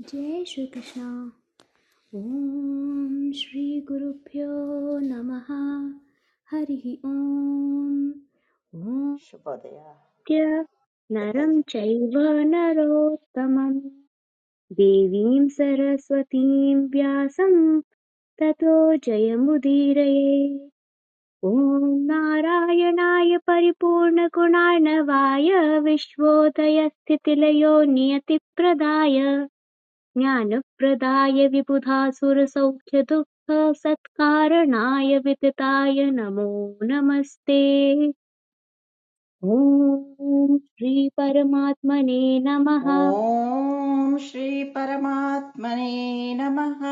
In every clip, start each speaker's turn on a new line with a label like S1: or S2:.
S1: जय श्रीकृष्ण ॐ श्रीगुरुभ्यो नमः हरिः ॐ ॐ
S2: शुभोदय
S1: द्य नरं
S2: दत्ताजी
S1: चैव नरोत्तमं देवीं सरस्वतीं व्यासं ततो जयमुदीरये ॐ नारायणाय परिपूर्णगुणार्णवाय विश्वोदयस्थितिलयो नियतिप्रदाय ज्ञानप्रदाय विबुधासुरसौख्यदुःखसत्कारणाय वितताय नमो नमस्ते ॐ श्रीपरमात्मने नमः
S2: ॐ श्रीपरमात्मने नमः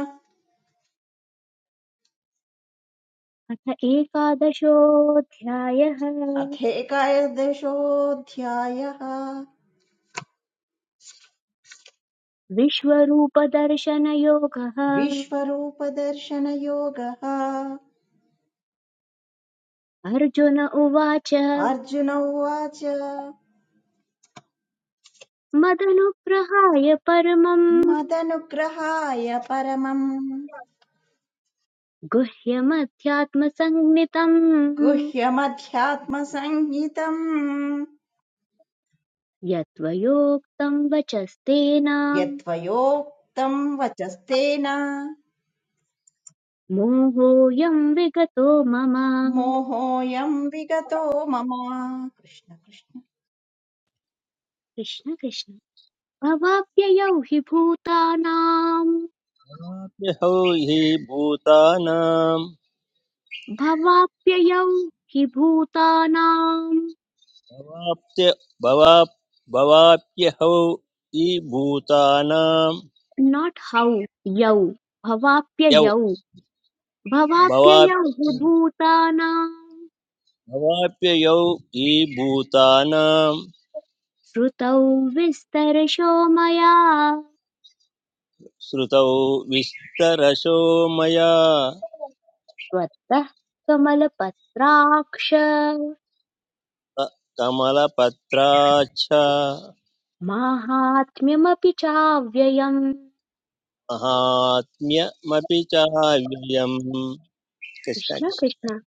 S1: अथ एकादशोऽध्यायः
S2: अथेकादशोऽध्यायः
S1: विश्वरूपदर्शनयोगः
S2: विश्वरूपदर्शनयोगः
S1: अर्जुन उवाच
S2: अर्जुन उवाच
S1: मदनुग्रहाय परमम्
S2: मदनुग्रहाय परमम्
S1: गुह्यमध्यात्मसंज्ञितम्
S2: गुह्यमध्यात्मसंहितम्
S1: यत्त्वयोक्तं वचस्तेन
S2: यत्त्वयोक्तम् वचस्तेन
S1: मोहोऽयं विगतो मम
S2: मोहोऽयम् विगतो मम कृष्ण कृष्ण
S1: कृष्ण कृष्ण भवाप्ययौ हि भूतानां
S3: वाप्यहौ हि भूतानां
S1: भवाप्ययौ हि भूतानां
S3: भवाप्य भवाप् भवाप्यहौ हि भूतानां
S1: नाट् हौ यौ
S3: यौ
S1: भवाप्ययौ भवाप्ययौ
S3: भवाप्य
S1: हि भूतानां
S3: भवाप्ययौ हि भूतानां
S1: श्रुतौ विस्तरशो मया
S3: श्रुतौ विस्तरशो मया
S1: त्वत्तः कमलपत्राक्ष
S3: क- कमलपत्राच्छ
S1: माहात्म्यमपि चाव्ययम्
S3: महात्म्यमपि चाव्ययम् कृष्ण
S1: कृष्ण
S3: कृष्ण।
S1: कृष्ण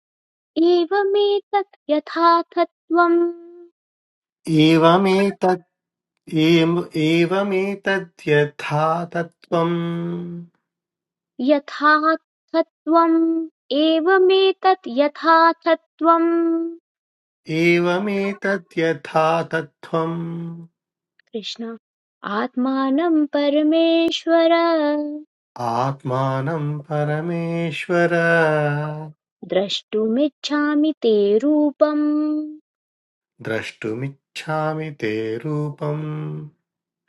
S1: एवमेतत् यथार्थत्वम्
S4: एवमेतत् एव- एवमेतद्यथा तत्त्वम्
S1: यथार्थत्वम् एवमेतत् यथार्थत्वम्
S4: एवमेतद्यथा तत्त्वम्
S1: कृष्ण आत्मानं परमेश्वर
S4: आत्मानं परमेश्वर
S1: द्रष्टुमिच्छामि ते रूपम्
S4: द्रष्टुमिच्छामि ते रूपम्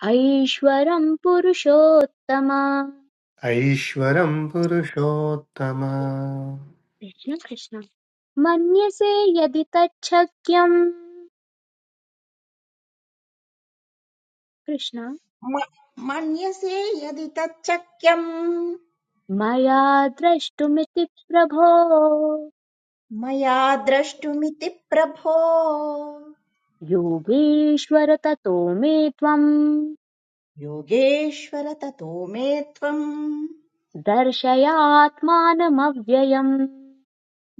S1: ऐश्वरं पुरुषोत्तम
S4: ऐश्वरं पुरुषोत्तम
S1: कृष्ण कृष्ण मन्यसे यदि तच्छक्यम् कृष्ण
S2: म- मन्यसे यदि तच्चक्यम्
S1: मया द्रष्टुमिति प्रभो
S2: मया द्रष्टुमिति प्रभो
S1: योगीश्वर ततो मे त्वम्
S2: योगेश्वर ततो मे त्वम्
S1: दर्शयात्मानमव्ययम्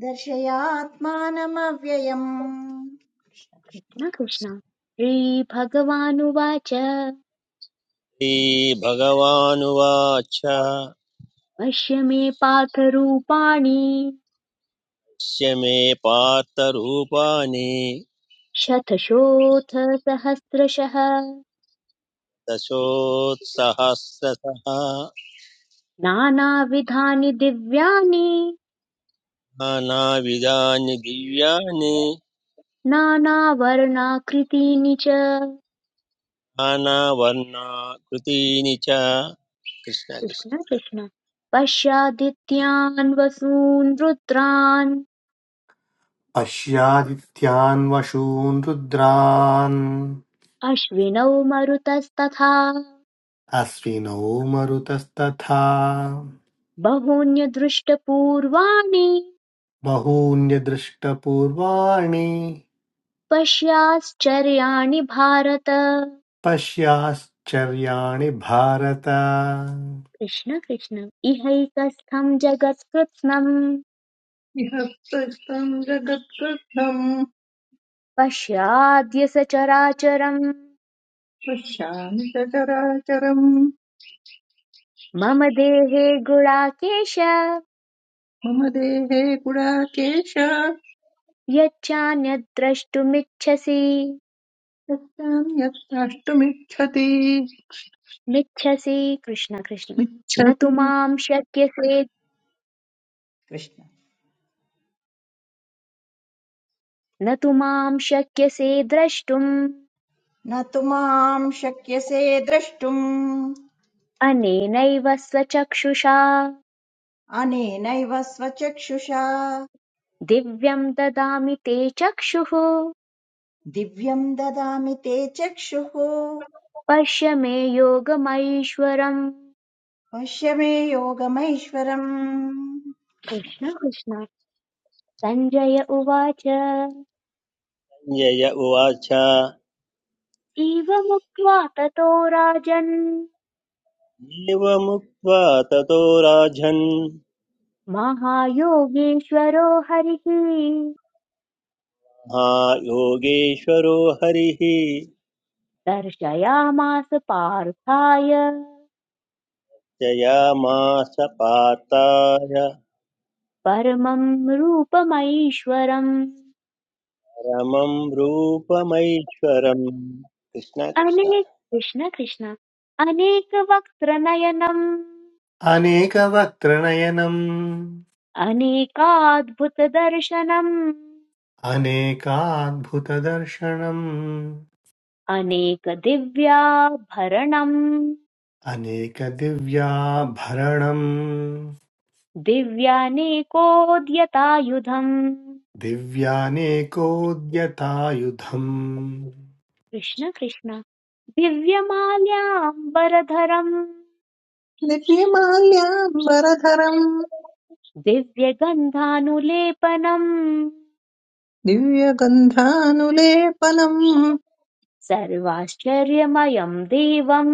S2: दर्शयात्मानमव्ययम् कृष्ण कृष्ण
S1: कृष्ण कृष्ण श्रीभगवानुवाच
S3: श्रीभगवानुवाच
S1: पश्य मे पार्थरूपाणि
S3: पश्य मे पार्थरूपाणि
S1: शतशोऽथ सहस्रशः
S3: दशोत्सहस्रशः
S1: नानाविधानि दिव्यानि
S3: नानाविधानि दिव्यानि
S1: नानावर्णाकृतीनि च
S3: नानावर्णाकृतीनि च कृष्ण कृष्ण।
S1: कृष्ण कृष्ण पश्यादित्यान् वसून् रुद्रान्
S4: पश्यादित्यान् वशून् रुद्रान्
S1: अश्विनौ मरुतस्तथा
S4: अश्विनौ मरुतस्तथा
S1: बहून्यदृष्टपूर्वाणि
S4: बहून्यदृष्टपूर्वाणि
S1: पश्याश्चर्याणि भारत
S4: पश्याश्चर्याणि भारत
S1: कृष्ण कृष्ण इहैकस्थम् जगत्कृत्स्नम्
S5: निःसृष्टं जगत्कृत्स्नं
S1: पश्याद्य सचराचरम्
S5: पश्यामि सचराचरम्
S1: मम देहे गुणाकेश
S5: मम देहे गुडाकेश
S1: यच्चान्यद्द्रष्टुमिच्छसि
S5: यत्तां यत्ताष्टुमिच्छति
S1: निच्छसि कृष्ण कृष्ण न तु
S5: इच्छति
S1: मां शक्यसे
S2: कृष्ण
S1: न तु मां शक्यसे द्रष्टुम्
S2: न तु माम् शक्यसे द्रष्टुम्
S1: अनेनैव स्वचक्षुषा
S2: अनेनैव स्वचक्षुषा
S1: दिव्यं ददामि ते चक्षुः
S2: दिव्यम् ददामि ते चक्षुः
S1: पश्य मे योगमैश्वरम्
S2: पश्य मे योगमैश्वरम् कृष्ण
S1: कृष्ण
S2: कृष्ण
S1: कृष्ण सञ्जय उवाच
S3: सञ्जय उवाच
S1: एवमुक्त्वा ततो राजन्
S3: एवमुक्त्वा ततो राजन्
S1: महायोगेश्वरो हरिः
S3: महायोगेश्वरो हरिः
S1: दर्शयामास पार्थाय
S3: जयामास पार्थाय
S1: परमं रूपमैश्वरम्
S3: परमं रूपमैश्वरम् कृष्ण
S1: अनेक कृष्ण कृष्ण अनेकवक्त्रनयनम्
S4: अनेकवक्त्रनयनम्
S1: अनेकाद्भुतदर्शनम्
S4: अनेकाद्भुतदर्शनम्
S1: अनेकदिव्याभरणम्
S4: अनेकदिव्याभरणम्
S1: दिव्यानेकोद्यतायुधम्
S4: दिव्यानेकोद्यतायुधम्
S1: कृष्ण कृष्ण दिव्यमाल्याम्बरधरम्
S5: नित्यमाल्याम्बरधरम्
S1: दिव्यगन्धानुलेपनम्
S5: दिव्यगन्धानुलेपनम्
S1: सर्वाश्चर्यमयम् देवम्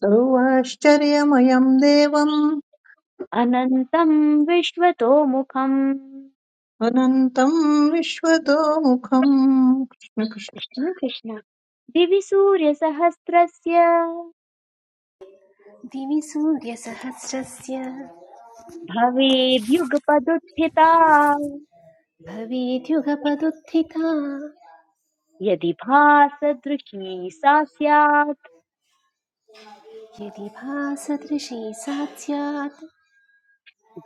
S5: सर्वाश्चर्यमयम् देवम्
S1: अनन्तं विश्वतोमुखम्
S5: अनन्तम् विश्वतोमुखम् कृष्णकृष्ण
S1: कृष्ण कृष्ण दिवि सूर्यसहस्रस्य
S6: दिवि सूर्यसहस्रस्य
S1: भवेद्युगपदुत्थिता
S6: भवेद्युगपदुत्थिता
S1: यदि भासदृशी सा स्यात्
S6: यदि भासदृशी सा स्यात्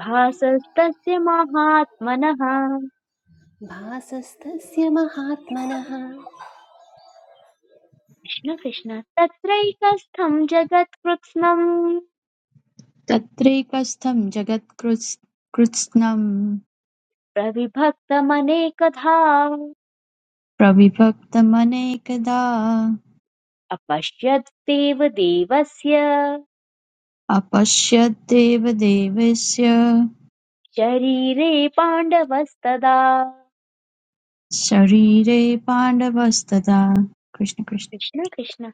S1: भासस्तस्य महात्मनः
S6: भासस्तस्य महात्मनः
S1: कृष्ण कृष्ण तत्रैकस्थं जगत्कृत्स्नम्
S7: तत्रैकस्थं जगत्कृत्स्नं
S1: प्रविभक्तमनेकधा
S7: प्रविभक्तमनेकधा
S1: अपश्यत् देवदेवस्य
S7: अपश्यद्देव देवस्य
S1: शरीरे पाण्डवस्तदा
S7: शरीरे पाण्डवस्तदा कृष्ण कृष्ण
S1: कृष्ण कृष्ण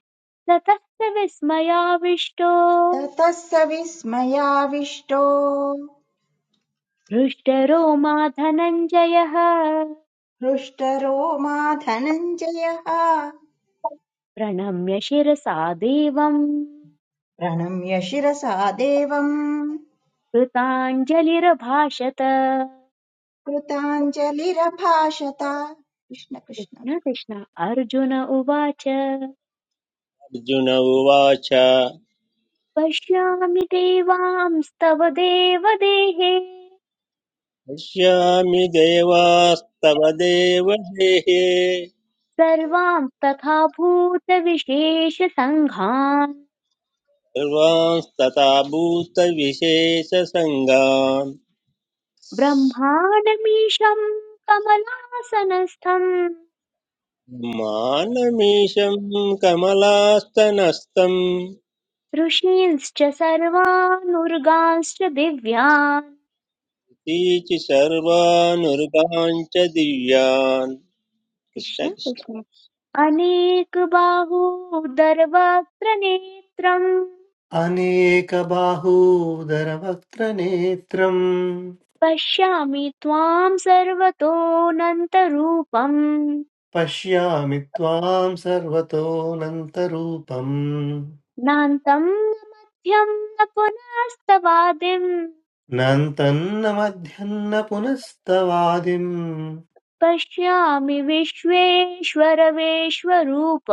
S1: ततः स विस्मयाविष्टो
S2: ततः स विस्मयाविष्टो
S1: हृष्टरो मा धनञ्जयः
S2: हृष्टरो मा धनञ्जयः
S1: प्रणम्य शिरसा देवम्
S2: प्रणम्य शिरसा देवम्
S1: कृताञ्जलिरभाषत
S2: कृताञ्जलिरभाषत कृष्ण कृष्ण
S1: कृष्ण कृष्ण अर्जुन उवाच
S3: अर्जुन उवाच
S1: पश्यामि देवांस्तव देवदेहे
S3: पश्यामि देवास्तव देवदेः
S1: सर्वांस्तथा भूतविशेषसङ्घान्
S3: सर्वांस्तथा भूतविशेषसङ्गान्
S1: ब्रह्माणमीशम् कमलासनस्थम्
S3: मानमीशं कमलास्तनस्थं
S1: ऋषींश्च सर्वानुर्गांश्च दिव्यान्
S3: तीचि सर्वानुर्गान् च दिव्यान् कृष्ण
S1: कृष्ण
S3: कृष्ण
S1: कृष्ण अनेकबाहूदरवक्त्रनेत्रम्
S4: अनेकबाहूदरवक्त्रनेत्रम्
S1: पश्यामि त्वां सर्वतोऽनन्तरूपम्
S4: पश्यामि त्वाम् सर्वतोऽनन्तरूपम्
S1: नान्तं न मध्यं न पुनस्तवादिम्
S4: नान्तन्न मध्यन्न पुनस्तवादिम्
S1: पश्यामि विश्वेश्वरवेश्वरूप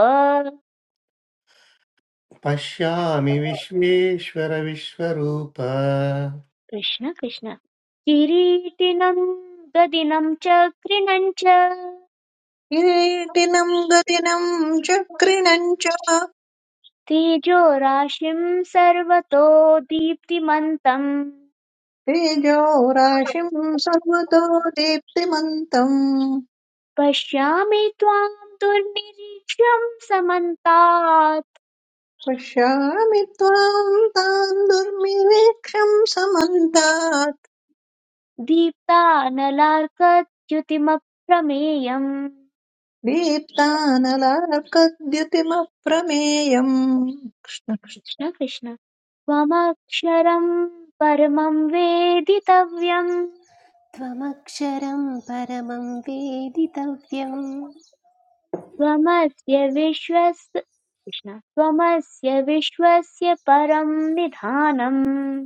S4: पश्यामि विश्वेश्वर विश्वरूप
S1: कृष्ण कृष्ण किरीटिनं गदिनं च कृणं च
S5: किरीटिनम् गदिनम् चक्रिणम् च
S1: तेजोराशिं सर्वतो दीप्तिमन्तम्
S5: तेजोराशिं सर्वतो दीप्तिमन्तम्
S1: पश्यामि त्वां दुर्निरीक्ष्यं समन्तात्
S5: पश्यामि त्वां तां दुर्निरीक्षं समन्तात्
S1: दीप्तानलार्कच्युतिमप्रमेयम्
S5: दीप्तानलार्कद्युतिमप्रमेयम् कृष्ण कृष्ण।
S1: कृष्ण कृष्ण त्वमक्षरं परमं वेदितव्यं
S6: त्वमक्षरं परमं वेदितव्यं
S1: त्वमस्य विश्वस्य कृष्ण त्वमस्य विश्वस्य परं निधानम्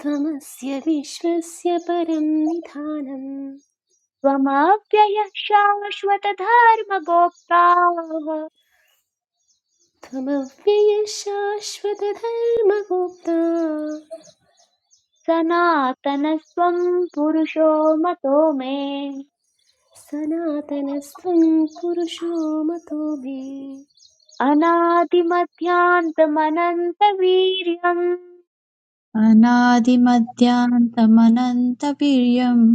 S6: त्वमस्य विश्वस्य परं निधानं
S1: त्वमव्ययः शाश्वतधर्मगोप्ताः
S6: त्वमव्ययशाश्वतधर्मगुप्ता
S1: सनातनस्त्वं पुरुषो मतो मे
S6: सनातनस्त्वं पुरुषो मतो मे
S1: अनादिमध्यान्तमनन्तवीर्यम्
S7: अनादिमध्यान्तमनन्तवीर्यम्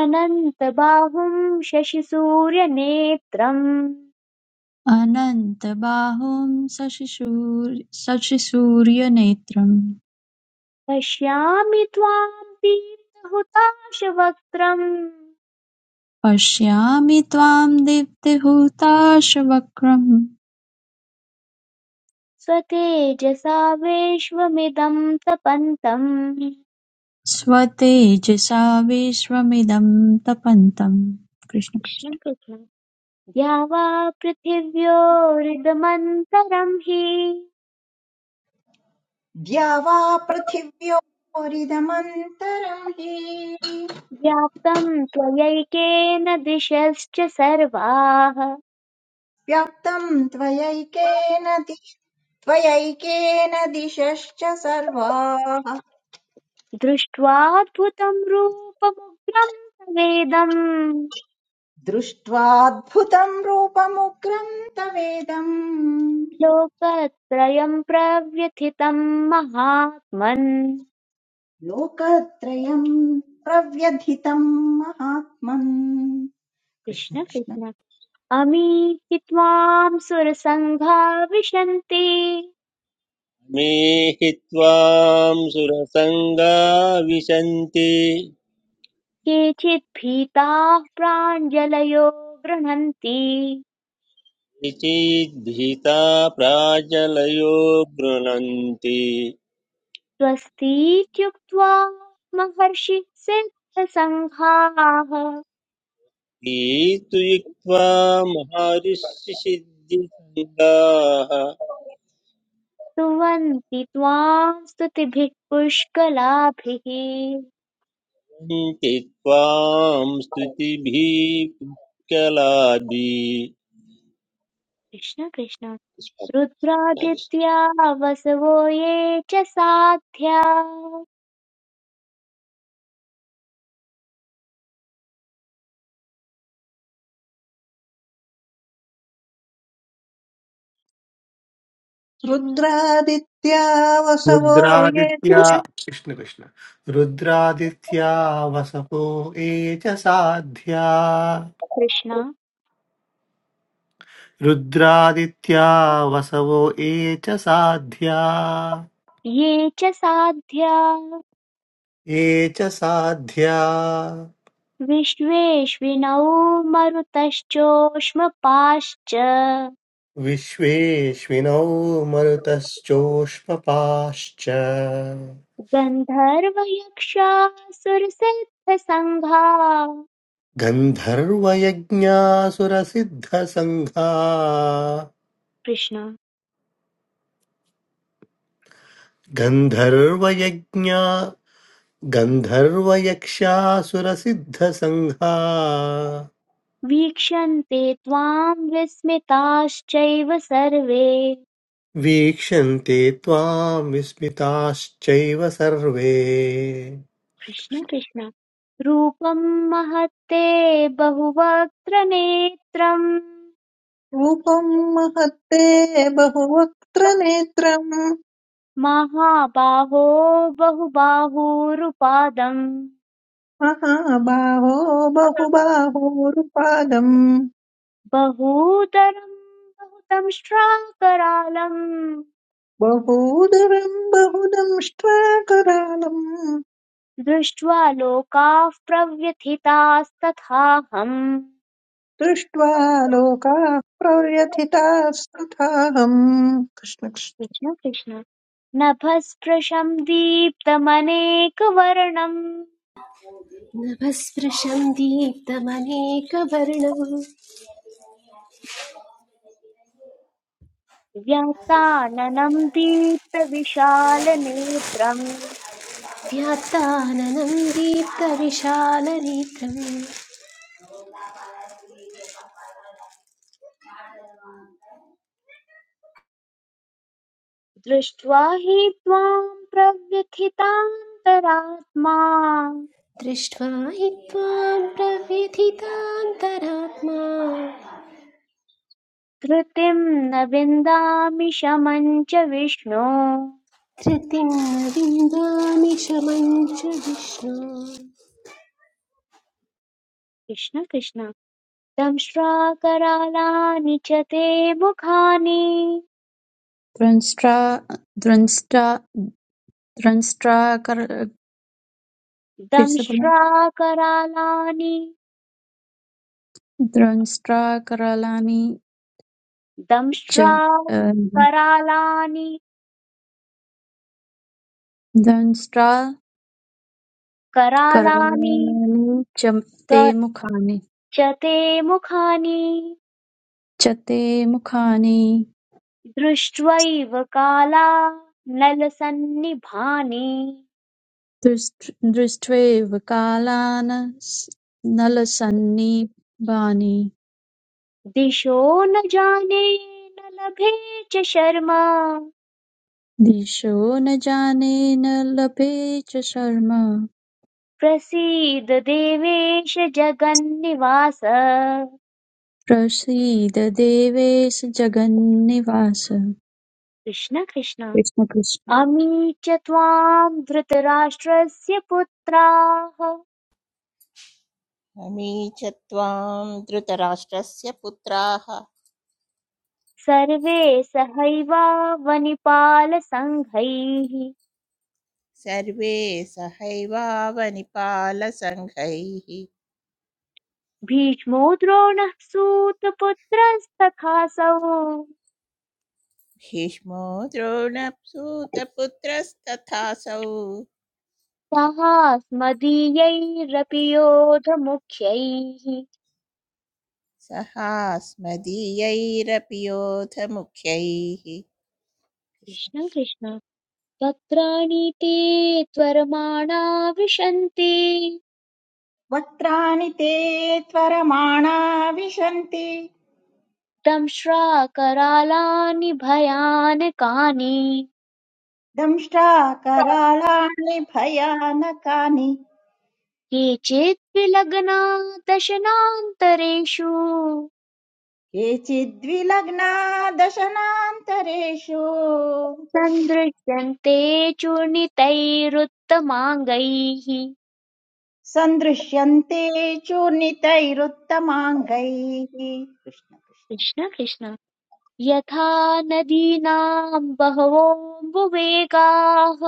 S1: अनन्तबाहुं शशिसूर्यनेत्रम्
S7: अनन्तबाहुं शशिशूर- शशिसूर्यनेत्रम्
S1: पश्यामि त्वां दीप्तहुताशवक्त्रम्
S7: पश्यामि त्वां दीप्तिहुताशवक्रम्
S1: स्वतेजसा विश्वमिदं तपन्तम्
S7: स्वतेजसा विश्वमिदं तपन्तम् कृष्ण
S1: कृष्ण
S7: कृष्ण
S1: कृष्ण या वा पृथिव्योरिदमन्तरम् हि
S2: द्या वा हि
S1: व्याप्तम् त्वयैकेन दिशश्च सर्वाः
S2: व्याप्तम् त्वयैकेन दि त्वयैकेन दिशश्च सर्वाः
S1: दृष्ट्वाद्भुतम् रूपमुग्रम् तवेदम्
S2: दृष्ट्वाद्भुतम् रूपमुग्रम् तवेदम्
S1: लोकत्रयम् प्रव्यथितम् महात्मन्
S2: लोकत्रयं प्रव्यथितम् महात्मन् कृष्ण
S1: कृष्ण
S2: कृष्ण
S1: कृष्ण अमीहि त्वाम् सुरसङ्घा विशन्ति
S3: मे हि त्वां सुरसङ्गा विशन्ति
S1: केचित् भीताः प्राञ्जलयो गृह्णन्ति
S3: निचेद्भीता प्राजलयो गृणन्ति
S1: स्वस्तीत्युक्त्वा महर्षिसिद्धसङ्घाः
S3: भीतु युक्त्वा महर्षिसिद्धिसङ्गाः
S1: स्तुवन्ति त्वां स्तुतिभिः पुष्कलाभिः
S3: सन्ति त्वां स्तुतिभिः पुष्कलाभि
S1: कृष्ण कृष्ण
S3: तथा
S1: रुद्रादित्या वसवो ये च साध्या
S5: रुद्रादित्या वसवो ये
S4: रुद्रादित्या कृष्ण कृष्ण रुद्रादित्या वसवो ये च साध्या
S1: कृष्ण
S4: रुद्रादित्या वसवो ये च साध्या
S1: ये च साध्या
S4: ये च साध्या
S1: विश्वेश्विनौ मरुतश्चोष्मपाश्च
S4: विश्वेश्विनौ मरुतश्चोष्मपाश्च
S1: गन्धर्वयक्षासुरसिद्धसङ्घा
S4: गन्धर्वयज्ञासुरसिद्धसङ्घा
S1: कृष्ण
S4: गन्धर्वयज्ञा गन्धर्वयक्षासुरसिद्धसङ्घा
S1: वीक्षन्ते त्वाम् विस्मिताश्चैव सर्वे
S4: वीक्षन्ते त्वाम् विस्मिताश्चैव सर्वे
S1: कृष्ण कृष्ण रूपम् महत्ते बहुवक्त्र नेत्रम्
S5: रूपम् महत्ते बहुवक्त्र नेत्रम्
S1: महाबाहो बहुबाहूरुपादम्
S5: महाबाहो बहुबाहोरुपादम्
S1: बहूतरम् बहुतम् श्राकरालम्
S5: बहूदरम् बहुदंष्ट्वाकरालम्
S1: दृष्ट्वा लोकाः प्रव्यथितास्तथाहम्
S5: दृष्ट्वा लोकाः प्रव्यथितास्तथाहम् कृष्णकृष्ण
S1: कृष्ण कृष्ण नभस्पृशम् दीप्तमनेकवर्णम्
S6: नभस्पृशं दीप्तमनेकवर्णं
S1: व्यासाननम् दीप्तविशालनेत्रम्
S6: व्याप्ताननं दीप्तविशालनेत्रं
S1: दृष्ट्वा हि त्वाम् प्रव्यथितान्तरात्मा
S6: दृष्ट्वा हि त्वां प्रव्यथितान्तरात्मा
S1: धृतिम् न विन्दामि शमं च विष्णो
S6: धृतिं न विन्दामि शमं च विष्णु
S1: कृष्ण कृष्ण दंश्राकरालानि च ते मुखानि
S7: द्रष्ट्रा द्रष्ट्रा द्रष्ट्रा कर फिर से बोलें
S1: दंश्राकरालानि
S7: द्रष्ट्रा करालानि च अ,
S1: दंश्राकरालानि
S7: द्रष्ट्रा
S1: करालानि
S7: करालानि च ते
S1: क-
S7: मुखानि
S1: च ते मुखानि
S7: च ते मुखानि
S1: दृष्ट्वैव काला नलसन्निभानि
S7: दृष्ट्- दृष्ट्वैव कालान् स- नलसन्निभानि
S1: दिशो न जाने न लभे च शर्मा
S7: दिशो न जाने न लभे च शर्म
S1: प्रसीद देवेश जगन्निवास
S7: प्रसीद देवेश जगन्निवास
S1: कृष्ण कृष्ण
S7: कृष्ण कृष्ण
S1: अमीच्य त्वाम् धृतराष्ट्रस्य पुत्राः
S8: अमी च त्वां धृतराष्ट्रस्य पुत्राः
S1: सर्वे सहैवावनिपालसङ्घैः
S8: सर्वे सहैवावनिपालसङ्घैः
S1: भीष्मो द्रोणः सूतपुत्रस्तथासौ
S8: भीष्मो द्रोणसूतपुत्रस्तथासौ
S1: सहास्मदीयैरपि योधमुख्यैः
S8: सहास्मदीयैरपि योधमुख्यैः
S1: कृष्ण कृष्ण तत्राणि ते त्वरमाणा विशन्ति
S2: वक्त्राणि ते त्वरमाणा विशन्ति
S1: दंश्राकरालानि भयानकानि
S2: दंष्ट्रा कराळाणि भयानकानि
S1: केचिद्वि लग्नादशनान्तरेषु
S2: केचिद्विलग्ना दशनान्तरेषु
S1: सन्दृश्यन्ते चूर्णितैरुत्तमाङ्गैः
S2: सन्दृश्यन्ते चूर्णितैरुत्तमाङ्गैः कृष्ण कृष्ण
S1: कृष्ण कृष्ण यथा नदीनां बहवोऽम्बुवेगाः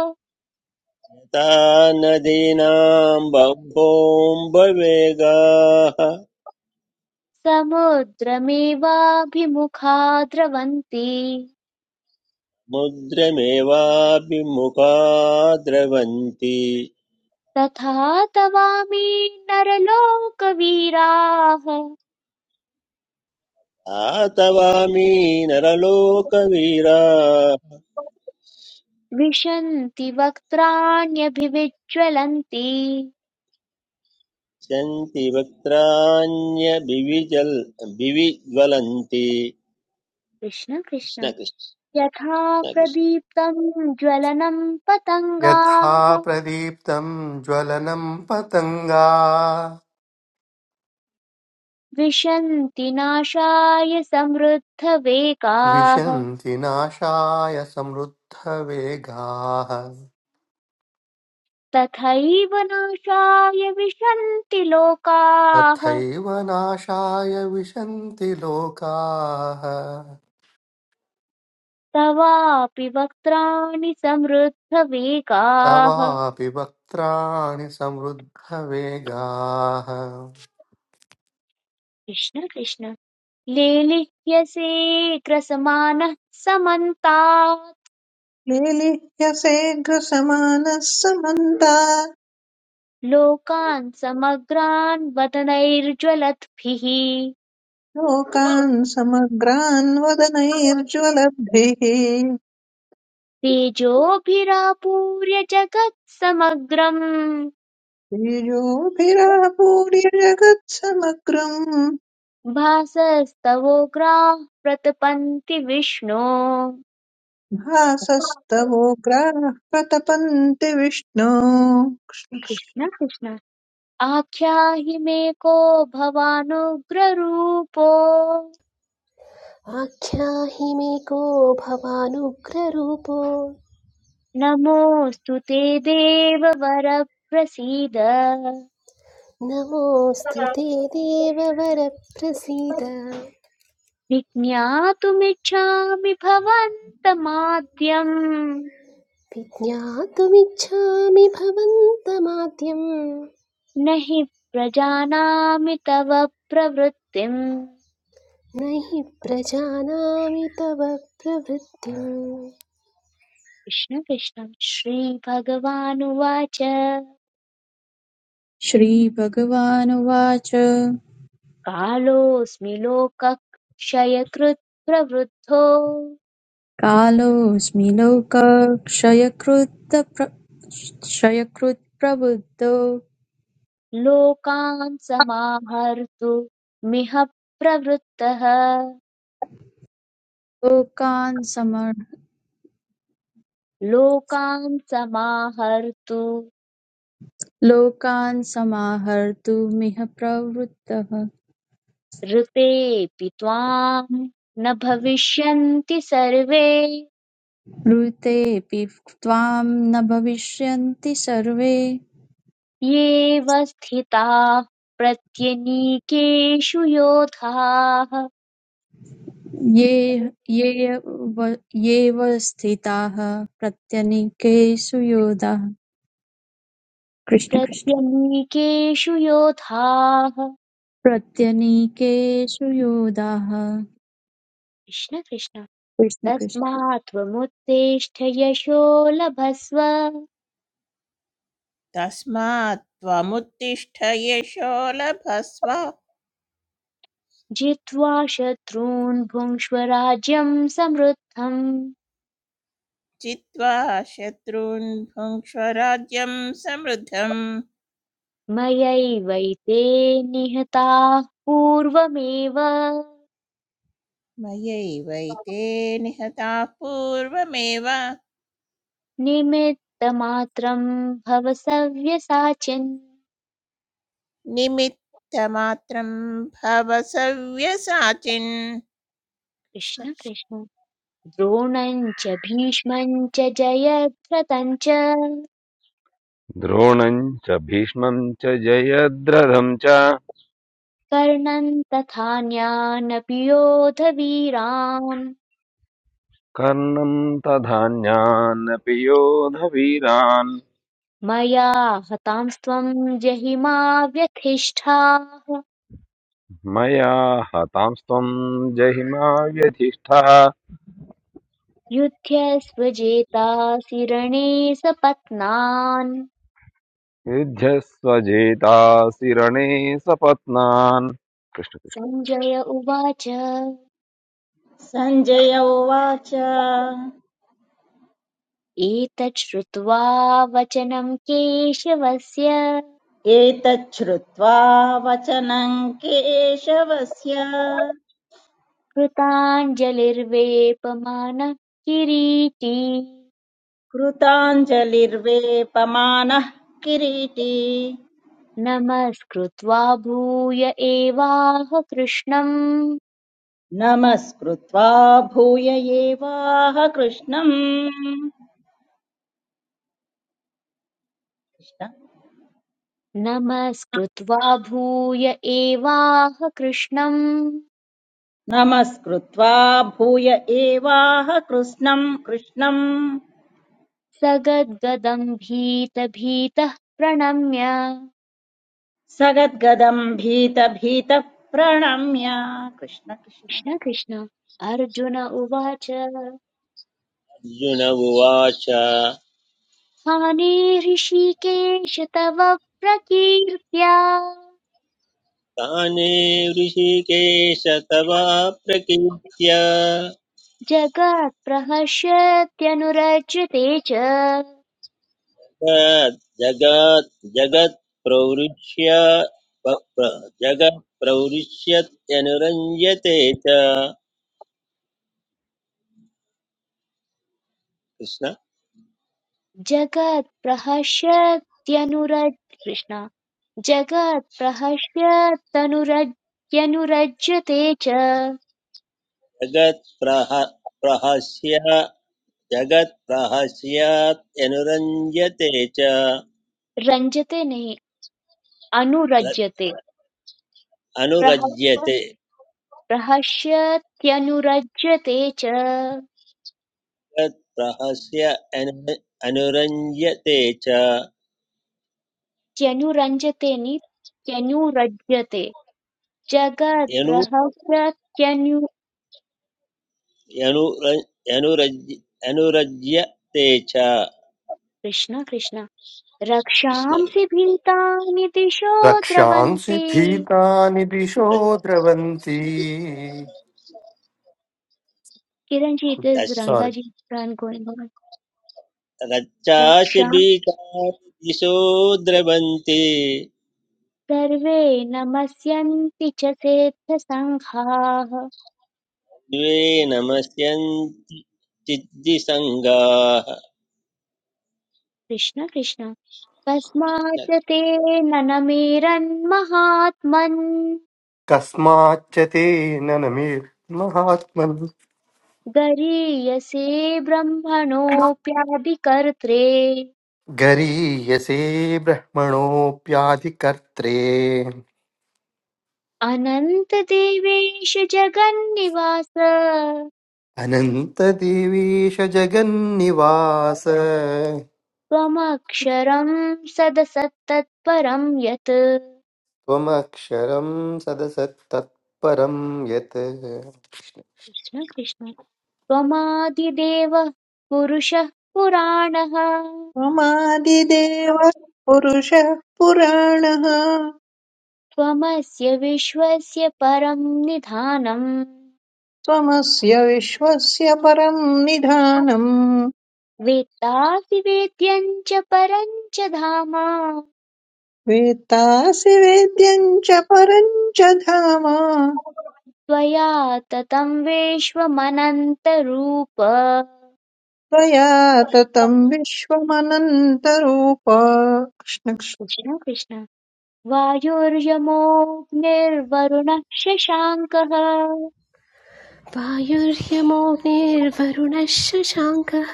S3: नदीनां बभोम्बवेगाः
S1: समुद्रमेवाभिमुखा द्रवन्ति
S3: मुद्रमेवाभिमुखा द्रवन्ति
S1: तथा तवामि नरलोकवीराः
S3: आतवामी नरलोकवीरा
S1: विशन्ति वक्त्राण्यभिविज्ज्वलन्ति
S3: सन्ति वक्त्राण्यभिविजल् विविज्वलन्ति
S1: कृष्ण कृष्ण
S3: कृष्णकृष्णकृष्ण
S1: यथा प्रदीप्तं ज्वलनं
S4: यथा
S1: पतङ्गाः
S4: प्रदीप्तं ज्वलनं पतङ्गा
S1: विशन्ति नाशाय समृद्धवेगाः
S4: विशन्ति नाशाय समृद्धवेगाः
S1: तथैव नाशाय विशन्ति लोकाः
S4: तथैव नाशाय विशन्ति लोकाः
S1: तवापि वक्त्राणि समृद्धवेगाः
S4: तवापि वक्त्राणि समृद्धवेगाः
S1: कृष्ण कृष्ण लेलिह्यसे ग्रसमानः समन्तात्
S5: लेलिह्यसेघ्रसमानः समन्ता
S1: लोकान् समग्रान् वदनैर्ज्वलद्भिः
S5: लोकान् समग्रान् वदनैर्ज्वलब्धिः
S1: तेजोभिरापूर्य जगत्समग्रम्
S5: बीजोभिरापूर्य जगत्समग्रम्
S1: भासस्तवोग्राः प्रतपन्ति विष्णो
S5: भासस्तवोग्राः प्रतपन्ति विष्णो कृष्ण कृष्ण।
S1: कृष्ण कृष्ण आख्याहि मे को भवानुग्ररूपो
S6: आख्याहि मे को भवानुग्ररूपो
S1: नमोऽस्तु ते देववर प्रसीद
S6: नमोऽस्तु ते देववरप्रसीद
S1: विज्ञातुमिच्छामि भवन्तमाद्यम्
S6: विज्ञातुमिच्छामि भवन्तमाद्यं
S1: न हि प्रजानामि तव प्रवृत्तिम्
S6: न हि प्रजानामि तव प्रवृत्तिम्
S1: कृष्ण कृष्ण श्रीभगवानुवाच
S7: श्रीभगवानुवाच
S1: कालोऽस्मि लोकक्षयकृत् प्रवृद्धो
S7: कालोऽस्मि लोकक्षयकृत् प्र- क्षयकृत् प्रबुद्धो
S1: लोकान् समाहर्तु मिह प्रवृत्तः
S7: लोकान् समर्
S1: लोकान् समाहर्तु
S7: लोकान् समाहर्तुमिह प्रवृत्तः
S1: ऋतेऽपि त्वाम् न भविष्यन्ति सर्वे
S7: ऋतेऽपि त्वां न भविष्यन्ति सर्वे
S1: येऽव स्थिताः प्रत्यनीकेषु योधाः
S7: ये ये व ये व स्थिताः प्रत्यनीकेषु योधाः कृष्ण कृष्ण
S1: प्रत्यनीकेषु योधाः
S7: प्रत्यनीकेषु योधाः
S1: कृष्ण कृष्ण
S7: कृष्ण कृष्ण
S1: तस्मात् त्वमुत्तिष्ठ यशो लभस्व
S8: तस्मात् त्वमुत्तिष्ठ येषो लभस्व
S1: जित्वा शत्रून् भुङ्क्ष्व राज्यम् समृद्धम्
S8: चित्वा शत्रून् भुङ्क्ष्व राज्यं समृद्धम्
S1: मयैवैते निहताः पूर्वमेव
S8: मयैवैते निहताः पूर्वमेव
S1: निमित्तमात्रं भव सव्यसाचिन्
S8: निमित्तमात्रं भव सव्यसाचिन् कृष्ण
S1: कृष्ण
S8: कृष्ण।
S1: कृष्ण द्रोणं च भीष्मं च जयद्रथं च
S9: द्रोणं च भीष्मं च जयद्रथं च
S1: कर्णं तथान्यानपि योधवीरान्
S9: कर्णं तथान्यानपि योधवीरान्
S1: मया हतांस्त्वं जहि मा व्यथिष्ठाः
S9: मया हतांस्त्वं जहिमा व्यधिष्ठः
S1: युध्यस्वजेतासि रणे सपत्नान्
S9: युध्यस्व जेतासि रणे सपत्नान् कृष्ण कृष्ण
S1: सञ्जय उवाच
S2: सञ्जय उवाच
S1: एतत् श्रुत्वा वचनं केशवस्य
S2: एतच्छ्रुत्वा वचनं केशवस्य
S1: कृताञ्जलिर्वेपमानः किरीटी
S2: कृताञ्जलिर्वेपमानः किरीटी
S1: नमस्कृत्वा भूय एवाह कृष्णम्
S2: नमस्कृत्वा भूय एवाह कृष्णम् कृष्ण
S1: नमस्कृत्वा भूय एवाह कृष्णम्
S2: नमस्कृत्वा भूय एवाह कृष्णम् कृष्णम्
S1: सगद्गदम् भीतभीतः प्रणम्य
S2: सगद्गदम् भीत भीत प्रणम्य कृष्ण कृष्ण
S1: कृष्ण कृष्ण अर्जुन उवाच
S3: अर्जुन उवाच
S1: स्थाने ऋषिकेश तव प्रकीर्त्या
S3: ताने ऋषिकेश तवा प्रकीर्त्य
S1: जगत्प्रहस्यत्यनुरज्यते च
S3: जगत् जगत् प्रवृष्य जगत् प्रवृष्यत्यनुरञ्जते च कृष्ण
S1: जगत्प्रहस्यत्यनुरज कृष्ण जगत्प्रहस्यत्यनुरज्यनुरज्यते च
S3: जगत् प्रह प्रहस्य जगत्प्रहस्यात् अनुरञ्जते च
S1: रञ्जते नहीं
S3: र-
S1: अनुरज्यते प्रहस्य
S3: अनुरज्यते
S1: प्रहस्यत्यनुरज्यते च
S3: जगत्प्रहस्य अनु- अनुरञ्जते च
S1: त्यनुरञ्जते नि त्यनुरज्यते
S3: यनु
S1: जगत्प्रहस्यत्यनु
S3: यनुर यनुरज्य अनुरज्यते च
S1: कृष्ण कृष्ण
S3: कृष्ण
S1: रक्षांसि
S3: कृष्ण।
S1: भीतानि दिशो
S4: रक्षांसि
S1: द्रवन्ति
S4: भीतानि दिशो द्रवन्ति
S1: किरण जी इट इज
S3: दश-
S1: रंगा
S4: सोरि
S1: जी
S3: रच्चासि
S1: रक्षां
S3: बीकानि दिशो द्रवन्ति
S1: सर्वे नमस्यन्ति च सेत्थसङ्घाः
S3: द्वे नमस्यन्ति चिद्दिसङ्गाः
S1: कृष्ण कृष्ण कस्मात् ते ननमेरन्महात्मन्
S4: कस्माच्च तेन न मे महात्मन्
S1: गरीयसे ब्रह्मणोऽप्याभिकर्त्रे
S4: गरीयसे ब्रह्मणोऽप्याधिकर्त्रे
S1: अनन्तदेवेश जगन्निवास
S4: अनन्तदेवेश जगन्निवास
S1: त्वमक्षरं सदसत्तत्परं यत्
S4: त्वमक्षरं सदसत्तत्परं यत्
S1: कृष्ण कृष्ण त्वमादिदेवः पुरुषः पुराणः
S5: त्वमादिदेवः पुरुषः पुराणः
S1: त्वमस्य विश्वस्य परं निधानम्
S5: त्वमस्य विश्वस्य परम् निधानम्
S1: वेत्तासि वेद्यं च परं च धाम
S5: वेत्तासि वेद्यम् च परम् च धाम
S1: त्वया ततं विश्वमनन्तरूप
S5: त्वया ततम् विश्वमनन्तरूप कृष्णकृष्ण।
S1: कृष्ण कृष्ण वायुर्यमोऽग्निर्वरुणः शशाङ्कः
S6: वायुर्यमोऽग्निर्वरुणः शशाङ्कः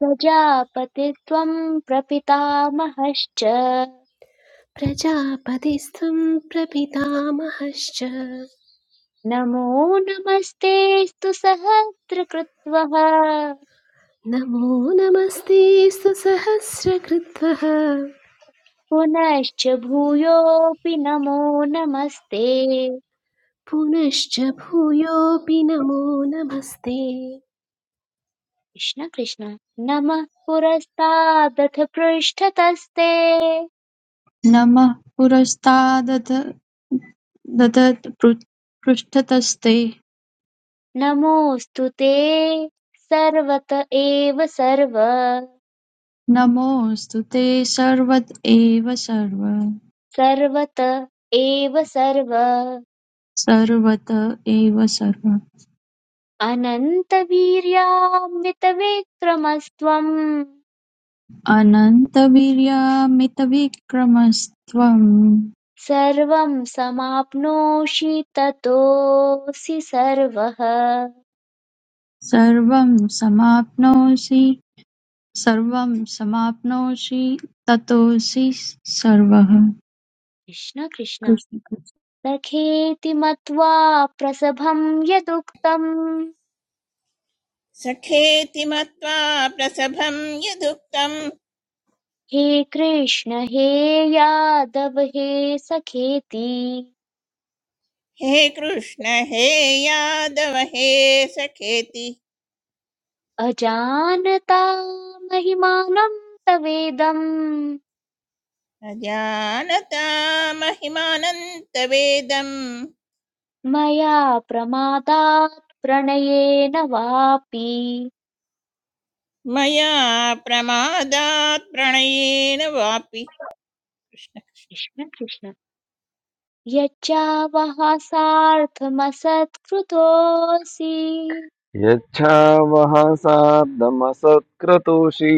S1: प्रजापतित्वं प्रपितामहश्च
S6: प्रजापतिस्त्वं प्रपितामहश्च
S1: नमो नमस्तेऽस्तु सहस्रकृत्वः
S6: नमो नमस्ते सुसहस्रकृत्वः
S1: पुनश्च भूयोऽपि नमो नमस्ते
S6: पुनश्च भूयोऽपि नमो नमस्ते
S1: कृष्ण कृष्ण नमः पुरस्तादथ पृष्ठतस्ते
S7: नमः पुरस्तादथ दधत् पृ- पृष्ठतस्ते
S1: नमोऽस्तु ते सर्वत एव सर्व
S7: नमोऽस्तु ते सर्वत एव सर्व
S1: सर्वत एव सर्व
S7: सर्वत एव सर्व
S1: अनन्तवीर्यान्वितविक्रमस्त्वम्
S7: अनन्तवीर्यामितविक्रमस्त्वं
S1: सर्वं समाप्नोषि ततोऽसि सर्वः
S7: सर्वं समाप्नोषि सर्वं समाप्नोषि ततोऽसि सर्वः
S1: कृष्ण कृष्ण
S7: कृष्ण कृष्ण
S1: सखेति मत्वा प्रसभं यदुक्तं
S8: सखेति मत्वा प्रसभं यदुक्तं
S1: हे कृष्ण हे यादव हे सखेति
S8: हे कृष्ण हे यादव हे सखेति
S1: अजानता महिमानं तवेदं
S8: न जानता महिमानन्तवेदं
S1: मया प्रमादात् प्रणयेन वापि
S8: मया प्रमादात् प्रणयेन वापि कृष्ण
S1: कृष्ण कृष्ण यच्चावः सार्थमसत्कृतोऽसि
S9: यच्छावहसार्धमसत्क्रतोषी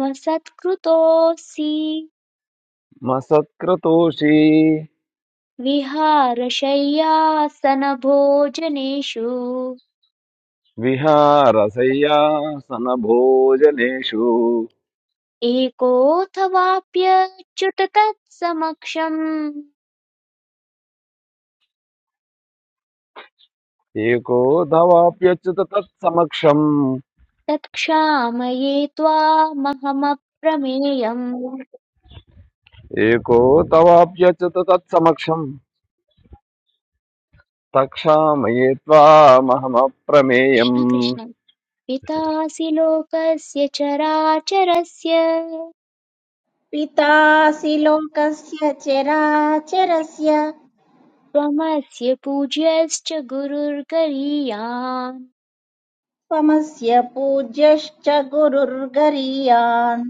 S1: मसत्कृतोऽसि
S9: मसत्क्रतोषी
S1: विहारशय्यासनभोजनेषु
S9: विहारशय्यासनभोजनेषु
S1: एकोऽथवाप्यच्युत तत्समक्षम्
S9: एको तवाप्यच्युत तत्समक्षम्
S1: तत्क्षामये त्वामहमप्रमेयम् कृष्ण
S9: एको तवाप्यच्युत तत्समक्षम् तक्षामये त्वामहमप्रमेयम्
S1: कृष्ण पितासि लोकस्य चराचरस्य
S2: पितासि लोकस्य चराचरस्य
S1: त्वमस्य पूज्यश्च गुरुर्गरीयान्
S2: त्वमस्य पूज्यश्च गुरुर्गरीयान्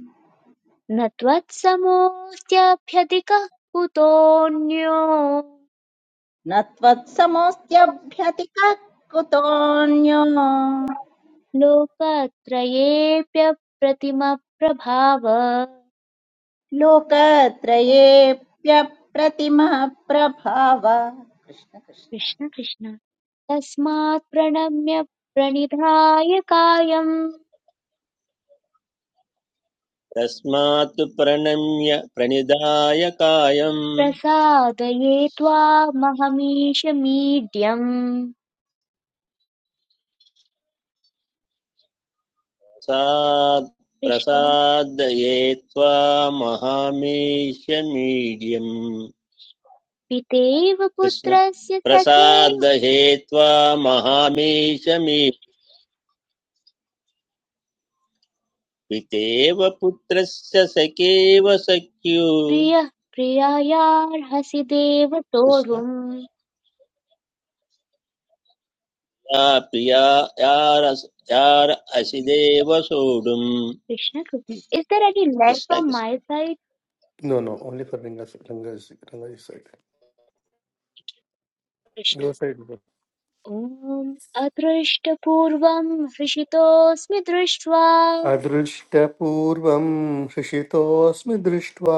S1: न त्वत्समोऽस्त्यभ्यधिकः कुतोऽन्यो
S2: न त्वत्समोऽस्त्यभ्यतिकः कुतोऽन्यो
S1: लोकत्रयेऽप्यप्रतिमप्रभाव
S2: लोकत्रयेऽप्यप्रतिमः प्रभाव कृष्ण कृष्ण
S1: कृष्ण कृष्ण तस्मात् प्रणम्य प्रणिधाय कायम्
S3: तस्मात् प्रणम्य प्रणिधाय कायम्
S1: प्रसादये त्वामहमीश मीड्यम्
S3: सात्
S1: कृष्ण
S3: प्रसादये त्वां महामेशमीड्यम्
S1: पितेव
S3: कृष्ण
S1: पुत्रस्य सखेव
S3: प्रसादये त्वा महामेशमी पितेव पुत्रस्य सखेव सख्यु
S1: प्रियः प्रियायार्हसि देव
S3: कृष्ण
S1: सोढुम्
S3: या प्रिया यार यार असिदेव सोढुम्
S1: Krishna Krishna is there any life
S3: Krishna
S1: from
S3: Krishna
S1: my side
S4: No, no, only for Ranga's Ranga's Ranga's side.
S1: Krishna
S4: Your side. bro.
S1: ॐ अदृष्टपूर्वं हृषितोऽस्मि दृष्ट्वा
S4: अदृष्टपूर्वं हृषितोऽस्मि दृष्ट्वा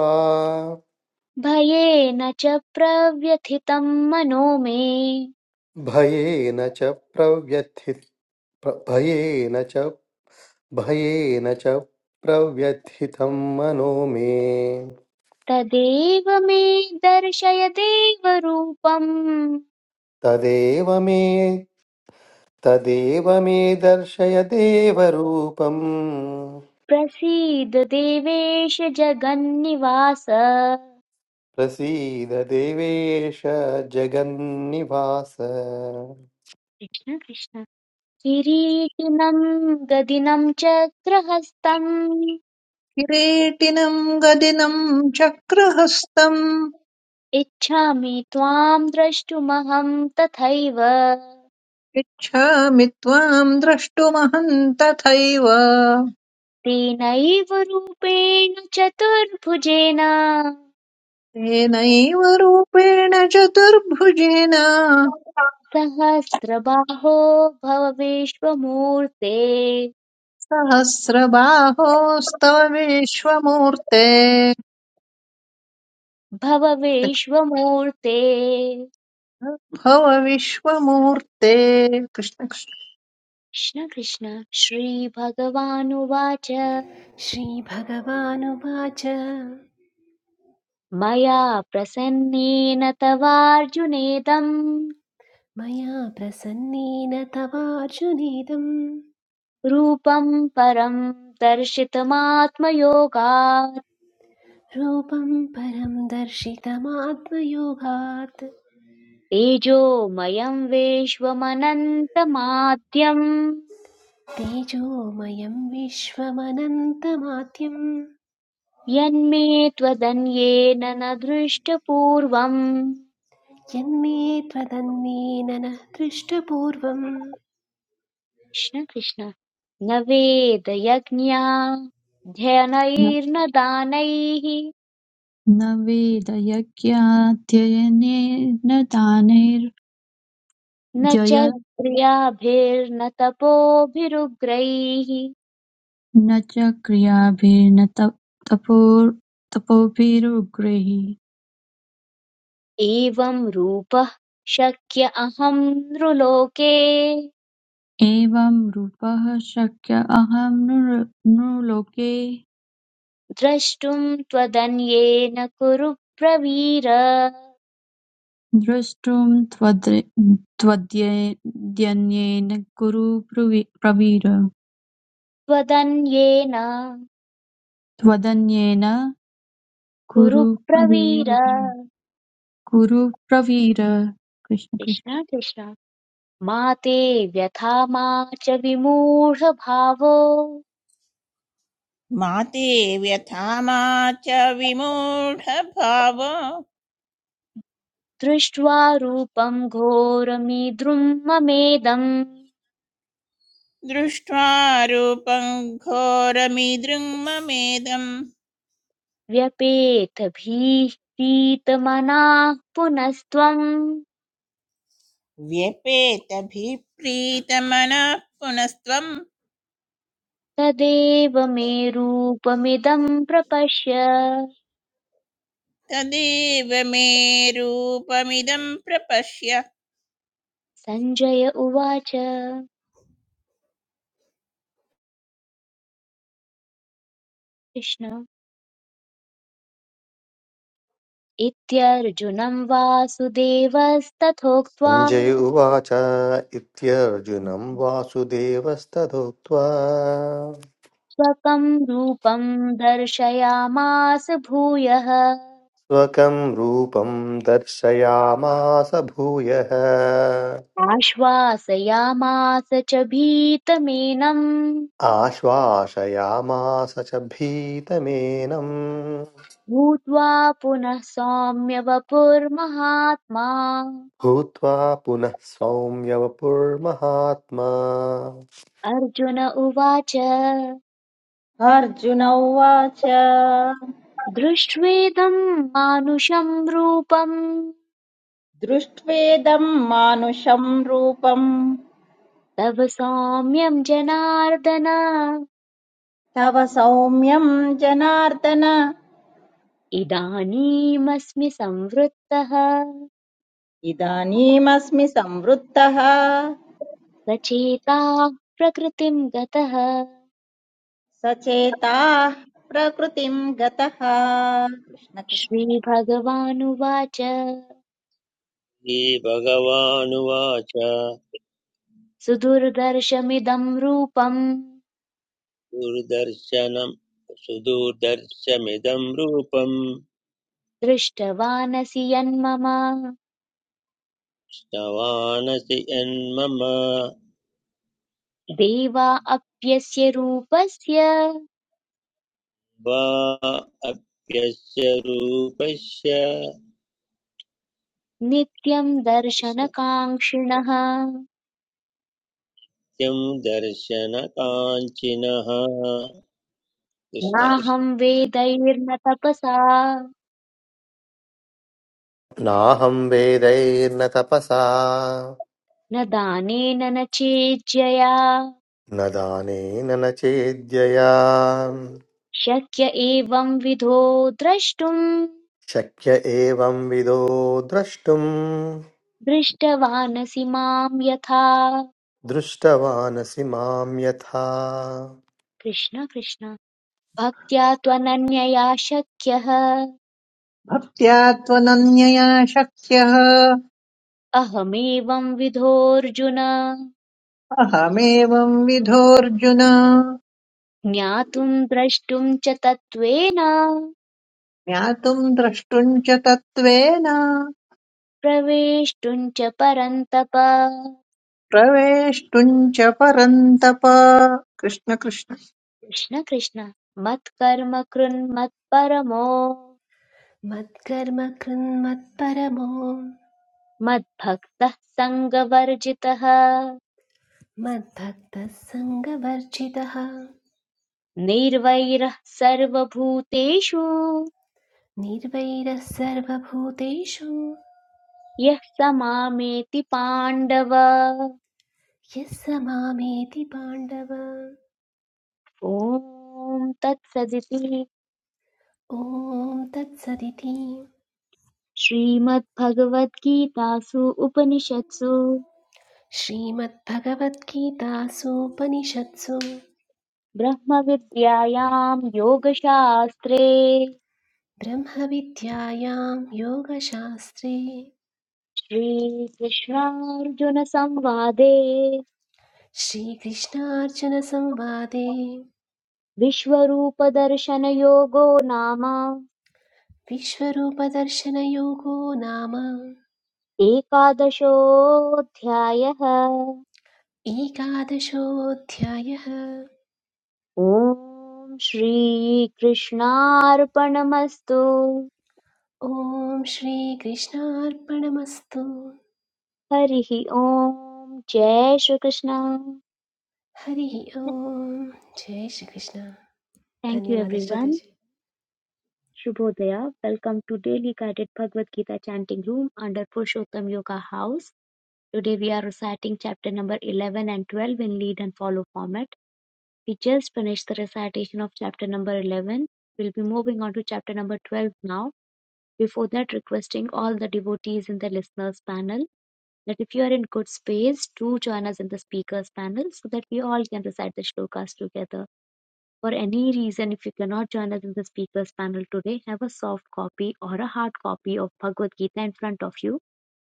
S1: भयेन च प्रव्यथितं मनो मे
S4: भयेन च प्रव्यथित प्र- भयेन च भयेन च प्रव्यथितं मनो मे
S1: तदेव मे दर्शय देवरूपम्
S4: तदेव मे तदेव मे दर्शय देवरूपम्
S1: प्रसीद देवेश जगन्निवास कृष्ण
S4: प्रसीद देवेश जगन्निवास
S1: कृष्ण किरीटिनं गदिनं चक्रहस्तम्
S5: किरीटिनम् गदिनम् चक्रहस्तम्
S1: इच्छामि त्वां द्रष्टुमहं तथैव
S5: इच्छामि त्वाम् द्रष्टुमहम् तथैव
S1: तेनैव रूपेण चतुर्भुजेन
S5: तेनैव रूपेण चतुर्भुजेन
S1: सहस्रबाहो भव विश्वमूर्ते
S5: सहस्रबाहोस्तव विश्वमूर्ते
S1: भव विश्वमूर्ते
S5: भव विश्वमूर्ते कृष्ण कृष्ण।
S1: कृष्ण कृष्ण श्रीभगवानुवाच
S6: श्रीभगवानुवाच
S1: मया प्रसन्नेन तवार्जुनेदम्
S6: मया प्रसन्नेन तवार्जुनेदं
S1: रूपम् परम् दर्शितमात्मयोगात्
S6: रूपं परं दर्शितमात्मयोगात्
S1: तेजोमयम् विश्वमनन्तमाद्यम्
S6: तेजोमयं विश्वमनन्तमाद्यं
S1: यन्मे त्वदन्येन न दृष्टपूर्वम्
S6: यन्मे त्वदन्येन न दृष्टपूर्वं
S1: कृष्ण कृष्ण न वेदयज्ञाध्ययनैर्न दानैः
S7: न वेदयज्ञाध्ययनेन दानैर्जय
S1: न च क्रियाभिर्न तपोभिरुग्रैः
S7: न च क्रियाभिर्न त- तपो- तपोभिरुग्रैः
S1: एवं रूपः शक्य अहं नृलोके
S7: एवं रूपः शक्य अहं नृ- नृलोके
S1: द्रष्टुं त्वदन्येन कुरु प्रवीर
S7: द्रष्टुं त्वद्रे- त्वद्ये- द्यन्येन कुरु प्रवि- प्रवीर
S1: त्वदन्येन
S7: त्वदन्येन कुरु
S1: कुरु
S7: प्रवीर
S1: प्रवीर
S7: कुरु प्रवीर कृष्ण कृष्ण
S1: कृष्ण कृष्ण मा ते व्यथा मा च विमूढभावो
S8: मा ते व्यथा मा च विमूढभाव
S1: दृष्ट्वा रूपं घोरमीद्रुं ममेदम्
S8: दृष्ट्वा रूपं घोरमिदृङ्ममेदम्
S1: व्यपेत भीष्टीतमनाः पुनस्त्वम्
S8: व्यपेतभिप्रीतमनः पुनस्त्वं
S1: तदेव मे रूपमिदं प्रपश्य
S8: तदेव मे रूपमिदं प्रपश्य
S1: सञ्जय उवाच कृष्ण इत्यर्जुनं वासुदेवस्तथोक्त्वा
S4: सञ्जय उवाच इत्यर्जुनं वासुदेवस्तथोक्त्वा
S1: स्वकं रूपं दर्शयामास भूयः
S4: स्वकं रूपं दर्शयामास भूयः
S1: आश्वासयामास च भीतमेनम्
S4: आश्वासयामास च भीतमेनं
S1: भूत्वा पुनः सौम्य वपुर्महात्मा
S4: भूत्वा पुनः सौम्यवपुर्महात्मा
S1: अर्जुन उवाच
S2: अर्जुन उवाच
S1: दृष्ट्वेदम् मानुषं रूपम्
S2: दृष्ट्वेदं मानुषं रूपं
S1: तव सौम्यं जनार्दन
S2: तव सौम्यं जनार्दन
S1: इदानीमस्मि संवृत्तः
S2: इदानीमस्मि संवृत्तः
S1: सचेता प्रकृतिं गतः
S2: सचेताः प्रकृतिम् गतः कृष्ण कृष्ण
S1: श्रीभगवानुवाच
S3: श्रीभगवानुवाच
S1: सुदुर्दर्शमिदम् रूपम्
S3: दूरदर्शनं सुदूरदर्शमिदं रूपं
S1: दृष्टवानसि यन्मम
S3: श्रवाणसि यन्मम
S1: देवा अप्यस्य रूपस्य
S3: वा अप्यस्य रूपस्य
S1: नित्यम्
S3: कृष्णत्यं
S1: दर्शनकाङ्क्षिणः
S3: दर्शनकाञ्चिनः कृष्ण कृष्ण
S1: नाहम् वेदैर्न तपसा
S4: नाहं वेदैर्न तपसा
S1: न दानेन न चेज्यया
S4: न दानेन न चेद्यया
S1: शक्य एवं विधो द्रष्टुम्
S4: शक्य एवं विदो द्रष्टुम्
S1: दृष्टवानसि माम् यथा
S4: दृष्टवानसि मां यथा
S1: कृष्ण कृष्ण भक्त्या त्वनन्यया शक्यः
S5: भक्त्या त्वनन्यया शक्यः
S1: अहमेवंविधोऽर्जुन
S5: अहमेवं विधोऽर्जुन
S1: ज्ञातुं द्रष्टुं च तत्त्वेन
S5: ज्ञातुं द्रष्टुं च तत्त्वेन
S1: प्रवेष्टुं च परन्तप कृष्ण
S5: प्रवेष्टुं च परन्तप कृष्ण कृष्ण
S1: कृष्ण मत्कर्म कृन्मत्परमो
S6: मत्कर्म कृन्मत्परमो
S1: मद्भक्तः सङ्गवर्जितः
S6: मद्भक्तः सङ्गवर्जितः
S1: निर्वैरः सर्वभूतेषु
S6: निर्वैरः सर्वभूतेषु
S1: यः स मामेति पाण्डव
S6: यः स मामेति पाण्डव
S1: ॐ तत्सदिति
S6: ॐ तत्सदिति
S1: श्रीमद्भगवद्गीतासु उपनिषत्सु
S6: श्रीमद्भगवद्गीतासूपनिषत्सु
S1: ब्रह्मविद्यायां योगशास्त्रे
S6: ब्रह्मविद्यायां योगशास्त्रे
S1: श्रीकृष्णार्जुनसंवादे
S6: श्रीकृष्णार्जुनसंवादे
S1: विश्वरूपदर्शनयोगो नाम
S6: विश्वरूपदर्शनयोगो नाम
S1: एकादशोऽध्यायः
S6: एकादशोऽध्यायः
S1: ॐ श्रीकृष्णार्पणमस्तु
S6: ॐ श्रीकृष्णार्पणमस्तु
S1: हरिः ॐ जय श्रीकृष्ण
S6: हरिः ॐ जय श्रीकृष्ण
S1: थैंक यू
S6: धन्यवादः
S1: एवरीवन
S6: श्रोताजी
S1: Shubhodaya. Welcome to Daily Guided Bhagavad Gita Chanting Room under Purushottam Yoga House. Today we are reciting chapter number 11 and 12 in lead and follow format. We just finished the recitation of chapter number 11. We'll be moving on to chapter number 12 now. Before that, requesting all the devotees in the listeners panel that if you are in good space, do join us in the speakers panel so that we all can recite the shlokas together for any reason, if you cannot join us in the speakers panel today, have a soft copy or a hard copy of Bhagavad Gita in front of you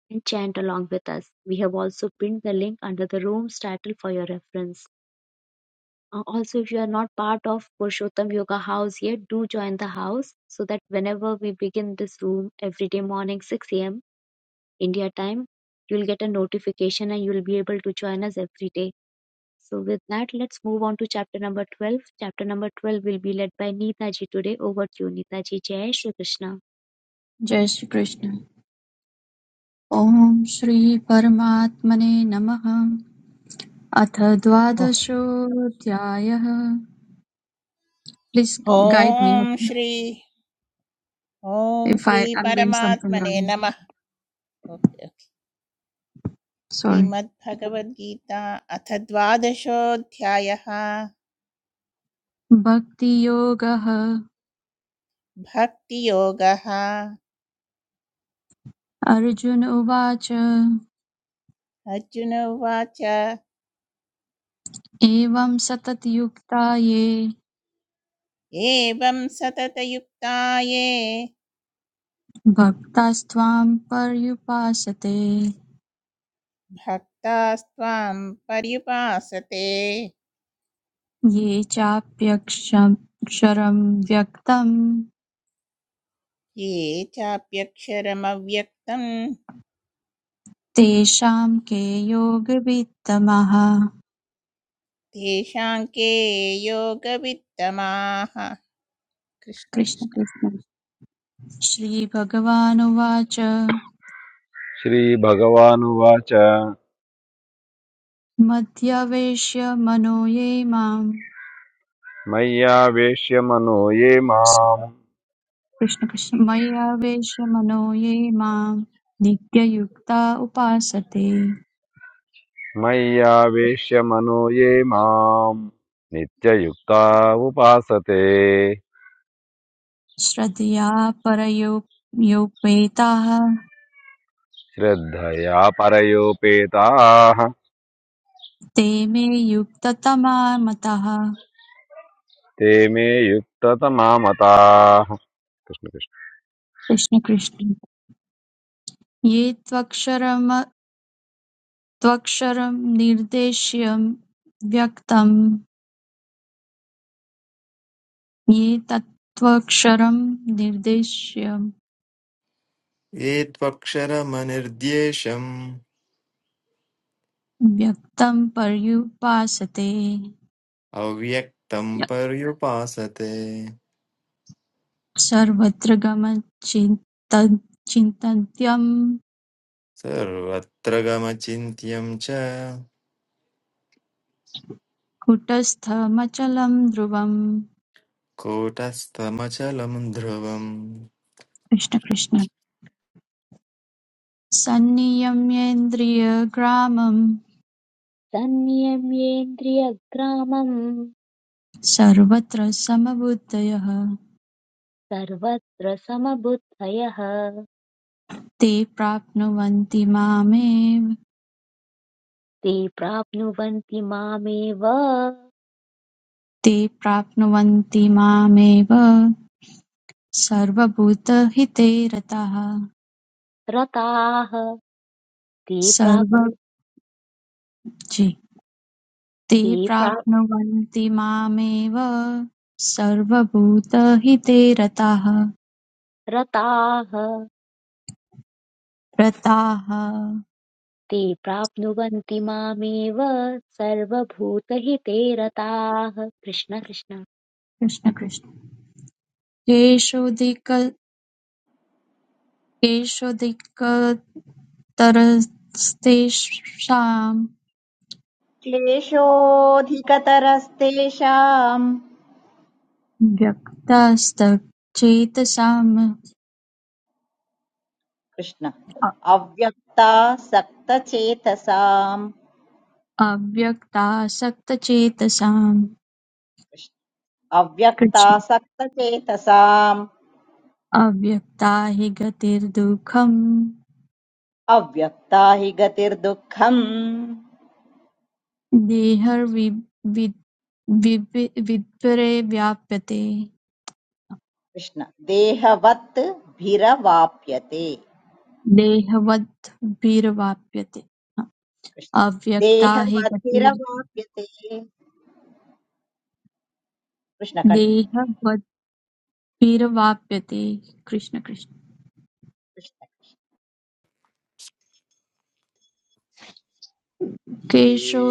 S1: and chant along with us. We have also pinned the link under the room's title for your reference. Uh, Also, if you are not part of Purushottam Yoga House yet, do join the house so that whenever we begin this room every day morning 6 a.m. India time, you'll get a notification and you'll be able to join us every day. So with that, let's move on to chapter number 12. Chapter number 12 will be led by Neeta ji today. Over to you, Neeta ji. Jai Shri Krishna.
S7: जय श्री कृष्ण ओम श्री परमात्मने नमः अथ
S8: oh.
S7: द्वादशोऽध्यायः please
S8: ॐ
S7: guide me okay
S8: Shri ॐ
S7: if
S8: Shri
S7: I am doing something
S8: परमात्मने
S7: wrong
S8: नमः okay, okay.
S7: Sorry
S8: श्रीमद्भगवद्गीता अथ द्वादशोऽध्यायः
S7: भक्ति योगः
S8: भक्तियोगः
S7: अर्जुन उवाच
S8: अर्जुन उवाच
S7: एवं सततयुक्ता ये
S8: एवं सततयुक्ताये
S7: भक्तास्त्वां पर्युपासते
S8: भक्तास्त्वां पर्युपासते
S7: ये चाप्यक्षरं व्यक्तं
S8: ये चाप्यक्षरमव्यक्तं
S7: तेषां के योगवित्तमः
S8: तेषां के योगवित्तमाः कृष्ण
S7: कृष्ण
S8: कृष्ण
S7: कृष्ण श्रीभगवानुवाच
S9: श्रीभगवानुवाच
S7: मध्यवेश्य मनो ये माम्
S9: मय्यावेश्य मनो ये माम्
S7: कृष्ण कृष्ण मय्यावेश्य मनो ये माम् नित्ययुक्ता उपासते
S9: मय्यावेश्य मनो ये माम् नित्ययुक्ता उपासते
S7: श्रद्धया परयोपेताः
S9: श्रद्धया परयोपेताः
S7: ते मे युक्ततमा मतः
S9: ते मे युक्ततमामताः कृष्ण कृष्ण।
S7: कृष्ण कृष्ण ये त्वक्षरम त्वक्षरं निर्देश्य व्यक्तं ये तत्त्वक्षरं निर्देश्य
S10: ये त्वक्षरमनिर्देशम्
S7: व्यक्तं पर्युपासते
S10: अव्यक्तम् पर्युपासते
S7: सर्वत्र गमचिन्तत्यं
S10: सर्वत्र गमचिन्त्यम् च
S7: कुटस्थमचलं ध्रुवं
S10: कूटस्थमचलम् ध्रुवम्
S7: कृष्णकृष्ण सन्नियम्येन्द्रियग्रामं
S1: तन्नियम्येन्द्रियग्रामं
S7: सर्वत्र समबुद्धयः
S1: सर्वत्र समबुद्धयः
S7: ते प्राप्नुवन्ति मामेव
S1: ते प्राप्नुवन्ति मामेव
S7: ते प्राप्नुवन्ति मामेव सर्वभूतहिते रताः
S1: रताः ते
S7: सर्व
S1: प्राप्नु
S7: जी, ते
S1: ते प्रा
S7: प्राप्नुवन्ति मामेव सर्वभूतहिते रताः
S1: रताः
S7: रताः
S1: ते प्राप्नुवन्ति मामेव सर्वभूतहिते रताः कृष्ण कृष्ण
S7: कृष्ण कृष्ण केषोऽधिक केषोऽधिकतरस्तेषां
S2: क्लेशोऽधिकतरस्तेषाम्
S7: व्यक्तास्तचेतसाम्
S2: कृष्ण
S7: अ-
S2: अव्यक्ता सक्तचेतसाम्
S7: अव्यक्तासक्तचेतसाम्
S2: कृष्ण अव्यक्ता
S7: कृष्ण
S2: सक्तचेतसाम्
S7: अव्यक्ता हि गतिर्दुःखं
S2: अव्यक्ता हि गतिर्दुःखम्
S7: देहैर्विद्भिरे व्याप्यते
S2: कृष्ण देहवत् भिरवाप्यते
S7: देहवद्भिर्वाप्यते
S2: कृष्ण
S7: अव्यक्ता हि गतिर्
S2: देहवद्भिरवाप्यते कृष्ण कण्टिन्यू
S7: देहवद्भिर्वाप्यते कृष्ण कृष्ण
S3: ये
S7: केशो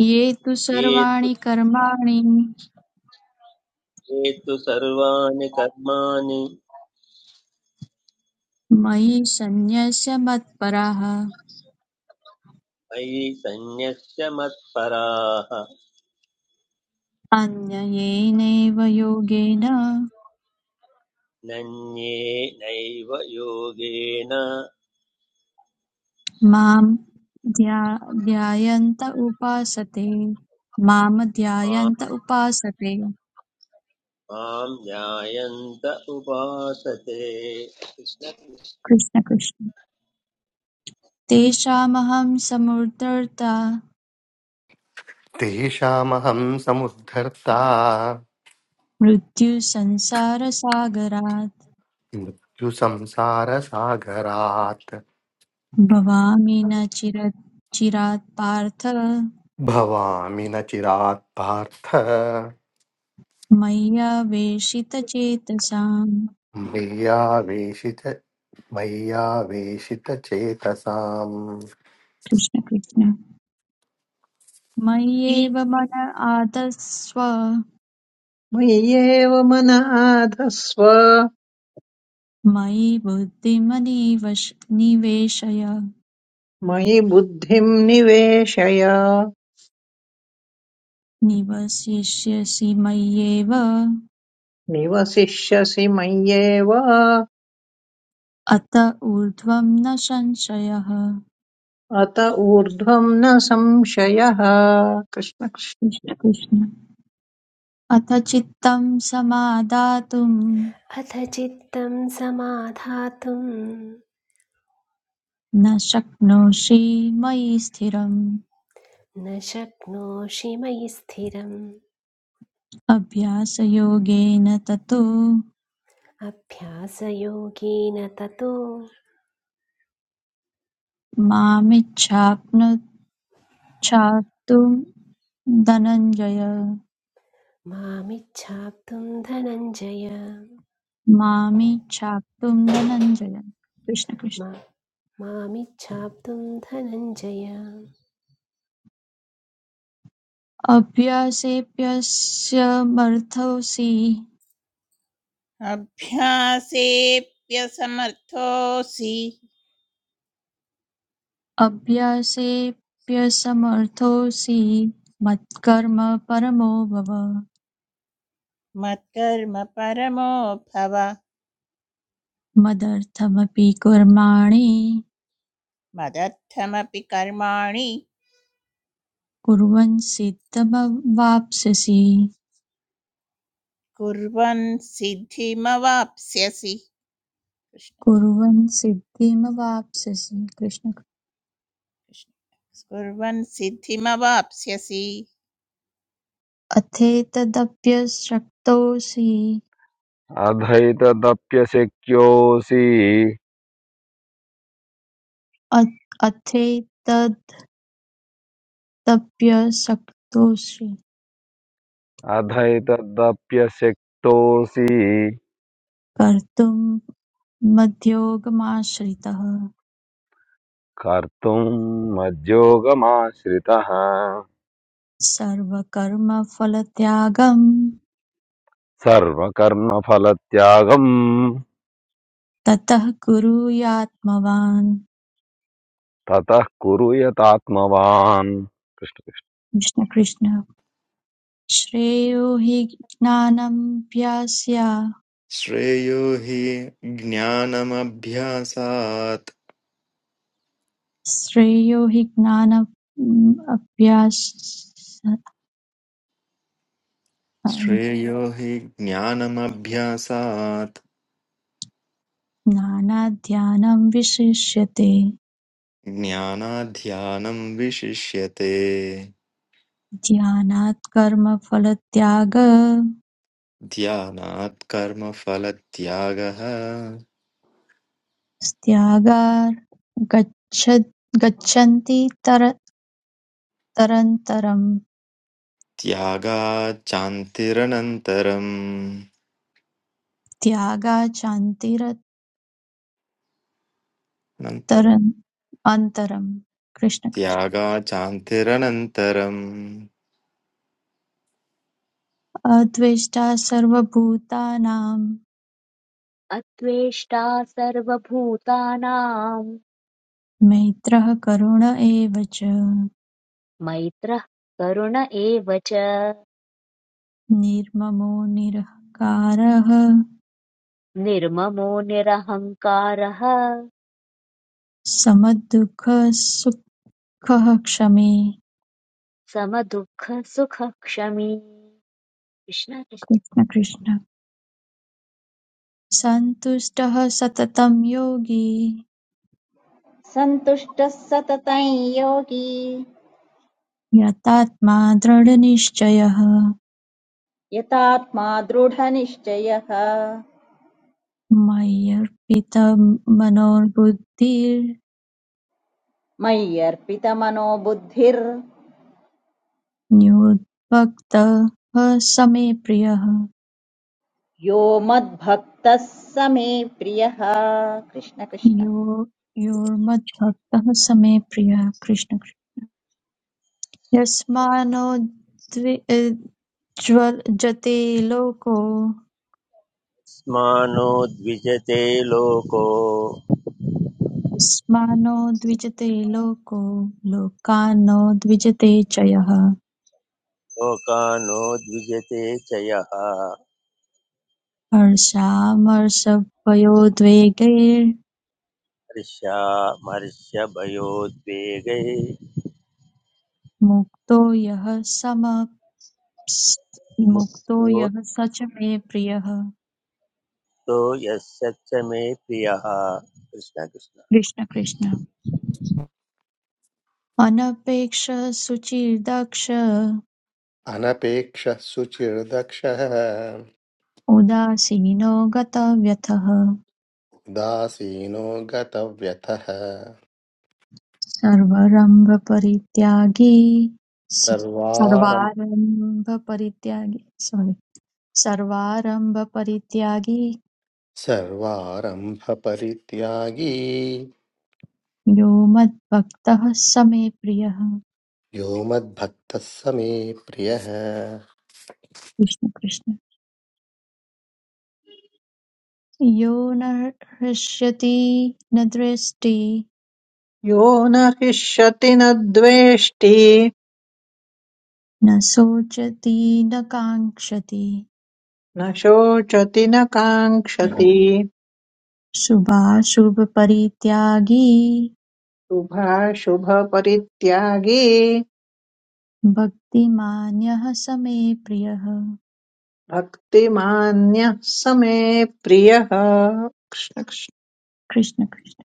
S7: ये तु
S3: ये तु
S7: सर्वाणि कर्माणि
S3: ये तु सर्वाणि कर्माणि
S7: मयि सन्न्यस्य मत्पराः
S3: मयि सन्न्यस्य मत्पराः
S7: अन्ययेनैव योगेन
S3: नन्ये नैव योगेन
S7: मां ध्या- ध्यायन्त उपासते मां
S3: मां
S7: ध्यायन्त उपासते
S3: मां जायन्त उपासते
S7: कृष्ण कृष्ण तेषामहं समुद्धर्ता
S4: तेषामहं समुद्धर्ता
S7: मृत्युसंसारसागरात्
S4: मृत्युसंसारसागरात्
S7: भवामि न चिर चिरात् पार्थ
S4: भवामि न चिरात् पार्थ
S7: मय्यावेशितचेतसाम्
S4: मय्यावेशित मय्यावेशितचेतसाम्
S7: कृष्ण कृष्ण मय्येव मन आदस्व
S5: मय्येव मनाधस्व
S7: मयि बुद्धिमनिवश निवेशय
S5: मयि बुद्धिं निवेशय
S7: निवसिष्यसि मय्येव
S5: निवसिष्यसि मय्येव
S7: अत ऊर्ध्वं न संशयः
S5: अत ऊर्ध्वं न संशयः कृष्ण कृष्ण।
S7: कृष्ण कृष्ण अथ चित्तं समादातुं
S6: अथ चित्तं समाधातुम्
S7: न शक्नोषि मयि स्थिरम्
S6: न शक्नोषि मयि स्थिरम्
S7: अभ्यासयोगेन ततो
S6: अभ्यासयोगेन ततो
S7: मामिच्छाप्नुच्छाप्तुं धनञ्जय
S6: मामिच्छाप्तुं धनञ्जय
S7: मामिच्छाप्तुं धनञ्जय कृष्ण कृष्ण
S6: मा- मामिच्छाप्तुं धनञ्जय
S7: अभ्यासेऽप्यस्यमर्थोऽसि
S8: अभ्यासेऽप्यसमर्थोऽसि
S7: अप्यसेऽप्यसमर्थोऽसि मत्कर्म परमो भव
S8: मत्कर्म परमो भव
S7: मदर्थमपि कर्माणि
S8: मदर्थमपि कर्माणि
S7: कुर्वन् सिद्धमवाप्स्यसि
S8: कुर्वन् सिद्धिमवाप्स्यसि कृष्ण।
S7: कुर्वन् सिद्धिमवाप्स्यसि कृष्ण
S8: कृष्ण कुर्वन् सिद्धिमवाप्स्यसि
S7: अथेतदप्यशक्तोऽसि
S9: अधैतदप्यशक्योऽसि
S7: अ- अथेतदप्यशक्तोऽसि
S9: अधैतदप्यशक्तोऽसि
S7: कर्तुं मद्योगमाश्रितः
S9: कर्तुम् मज्जोगमाश्रितः
S7: सर्वकर्मफलत्यागम्
S9: सर्वकर्मफलत्यागम्
S7: ततः कुरुयात्मवान्
S9: ततः कुरु यतात्मवान् कृष्ण कृष्ण।
S7: कृष्ण कृष्ण श्रेयो हि ज्ञानमभ्यास्या
S10: श्रेयो हि ज्ञानमभ्यासात्
S7: श्रेयो हि ज्ञानाभ्यास
S10: श्रेयो हि ज्ञानमभ्यासात्
S7: ज्ञानाध्यानं विशिष्यते
S10: ज्ञानाध्यानम् विशिष्यते
S7: ध्यानात् कर्मफलत्याग
S10: ध्यानात् कर्मफलत्यागः
S7: त्यागार् गच्छ गच्छन्ति तर तरन्तरं
S10: त्यागाचान्तिरनन्तरम्
S7: त्यागा चान्तिरतरम्
S10: अनन्तरं
S7: अन्तरं कृष्ण कृष्ण
S10: त्यागाचान्तिरनन्तरं
S7: त्वष्टा सर्वभूतानां
S1: अत्वेष्टा सर्वभूतानां
S7: मैत्रः करुण एव च
S1: मैत्रः करुण एव च
S7: निर्ममो निरहङ्कारः
S1: निर्ममो निरहङ्कारः
S7: समदुःखसुखः क्षमे
S1: समदुःखसुखक्षमी कृष्ण कृष्ण।
S7: कृष्ण कृष्ण सन्तुष्टः सततं योगी
S2: सन्तुष्टः सततं योगी
S7: यतात्मा दृढनिश्चयः
S2: यतात्मा दृढनिश्चयः
S7: मय्यर्पितमनोर्बुद्धिर्न्युद्भक्तः
S2: मय्यर्पितमनो बुद्धिर्यो
S7: स मे प्रियः
S2: मद्भक्तः स मे प्रियः कृष्ण कृष्ण
S7: यो योर्मद्भक्तः स मे प्रियः कृष्ण कृष्ण। यस्मानो द्वि अ, ज्वल- जते लोको
S3: मानो द्विजते लोको
S7: यस्मानो द्विजते लोको लोकानो द्विजते च यः
S3: लोकानो द्विजते च यः
S7: हर्षामर्षभयोद्वेगैर्मुक्तो
S3: हर्षामर्षभयोद्वेगै
S7: यः समप्स् मुक्तो यः
S3: मुक्तो
S7: स च मे प्रियः
S3: यस्य च मे प्रियः कृष्ण कृष्ण
S7: कृष्ण कृष्ण अनपेक्ष सुचिर्दक्ष
S4: अनपेक्षः सुचिर्दक्षः
S7: उदासीनो गतव्यथः
S4: दासीनो गतव्यथः
S7: सर्वारम्भपरित्यागी
S4: सर्वारम्
S7: सर्वारम्भपरित्यागी sorry, सर्वारम्भपरित्यागी
S4: सर्वारम्भपरित्यागी
S7: यो मद्भक्तः स मे प्रियः
S4: यो मद्भक्तः स मे प्रियः
S7: कृष्ण कृष्ण यो न हृष्यति न दृष्टि
S5: यो न हिष्यति न द्वेष्टि
S7: न शोचति न काङ्क्षति
S5: न शोचति न काङ्क्षति
S7: शुभाशुभपरित्यागी
S5: शुभाशुभपरित्यागी
S7: भक्तिमान्यः स मे प्रियः
S5: भक्तिमान्यः स मे प्रियः कृष्ण कृष्ण
S7: कृष्ण कृष्ण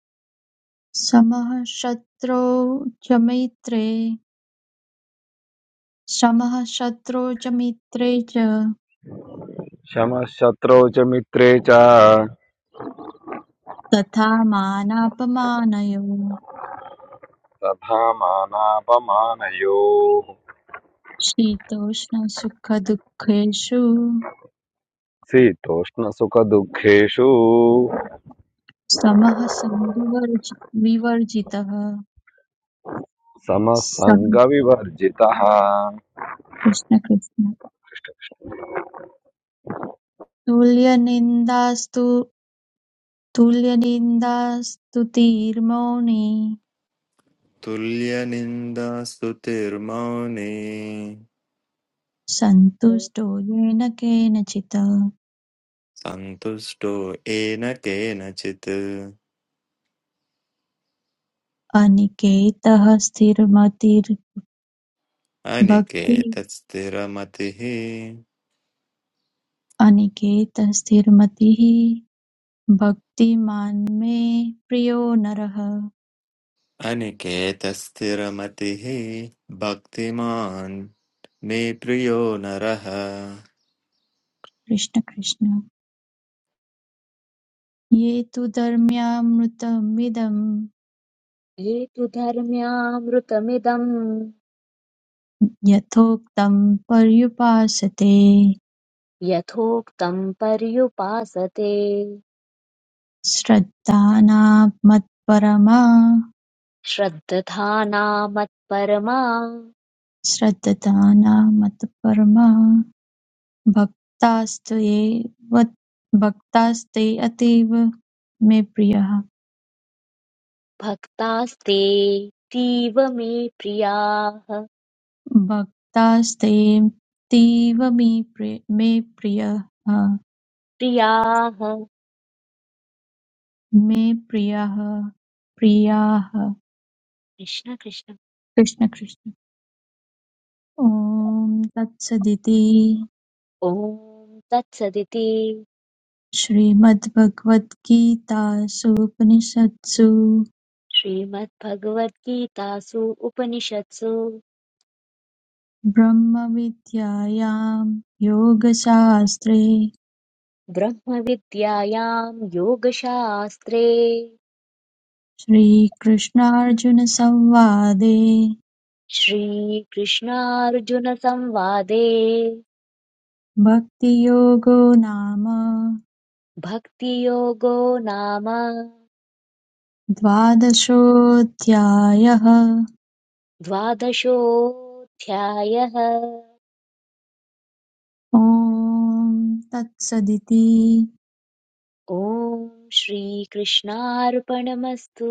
S7: समः शत्रौ च मित्रे समः शत्रौ च मित्रे च
S9: क्षमः शत्रौ च मित्रे च
S7: तथा मानापमानयोः
S9: तथा मानापमानयोः
S7: शीतोष्णसुखदुःखेषु
S9: शीतोष्णसुखदुःखेषु
S7: समः सङ्गवर्जि विवर्जितः सम
S9: समसङ्गविवर्जितः
S7: कृष्ण कृष्ण तुल्यनिन्दास्तु तुल्यनिन्दास्तुतिर्मौनी
S10: तुल्यनिन्दास्तुतिर्मौने
S7: सन्तुष्टो येन केनचित्
S10: सन्तुष्टो येन केनचित्
S7: अनिकेतः स्थिरमतिर्भक्ति
S10: अनिकेतस्थिरमतिः
S7: अनिकेतः स्थिरमतिः भक्तिमान् मे प्रियो नरः
S10: अनिकेतस्थिरमतिः भक्तिमान् मे प्रियो नरः
S7: कृष्ण कृष्ण ये तु धर्म्यामृतमिदं
S1: ये तु धर्म्यामृतमिदम्
S7: यथोक्तं पर्युपासते
S1: यथोक्तं पर्युपासते
S7: श्रद्धानामत्परमा
S1: श्रद्धानामत्परमा
S7: श्रद्धानामत्परमा भक्तास्त्वये भक्तास्ते अतीव मे प्रियः
S1: भक्तास्ते तीव मे प्रियाः
S7: भक्तास्तेऽतीव मे प्रिय मे प्रियः
S1: प्रियाः
S7: मे प्रियः प्रियाः
S1: कृष्ण कृष्ण
S7: कृष्ण कृष्ण ॐ तत्सदिति
S1: ॐ तत्सदिति
S7: श्रीमद्भगवद्गीतासूपनिषत्सु
S1: श्रीमद्भगवद्गीतासु उपनिषत्सु
S7: ब्रह्मविद्यायां योगशास्त्रे
S1: ब्रह्मविद्यायां योगशास्त्रे
S7: श्रीकृष्णार्जुनसंवादे
S1: श्रीकृष्णार्जुनसंवादे
S7: भक्तियोगो नाम
S1: भक्तियोगो नाम
S7: द्वादशोऽध्यायः
S1: द्वादशोऽध्यायः
S7: ॐ तत्सदिति
S1: ॐ श्रीकृष्णार्पणमस्तु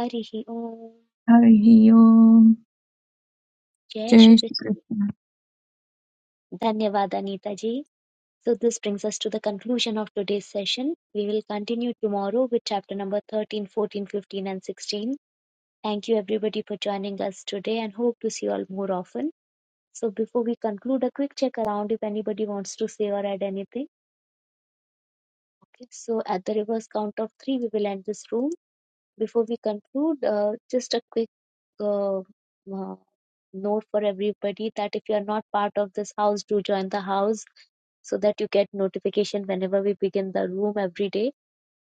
S1: हरिः ॐ
S7: हरिः ओम्
S1: जय
S7: जय श्री
S1: श्रीकृष्ण
S7: कृष्ण
S1: धन्यवाद अनीताजी So, this brings us to the conclusion of today's session. We will continue tomorrow with chapter number 13, 14, 15, and 16. Thank you, everybody, for joining us today and hope to see you all more often. So, before we conclude, a quick check around if anybody wants to say or add anything. Okay, so at the reverse count of three, we will end this room. Before we conclude, uh, just a quick uh, uh, note for everybody that if you are not part of this house, do join the house so that you get notification whenever we begin the room every day.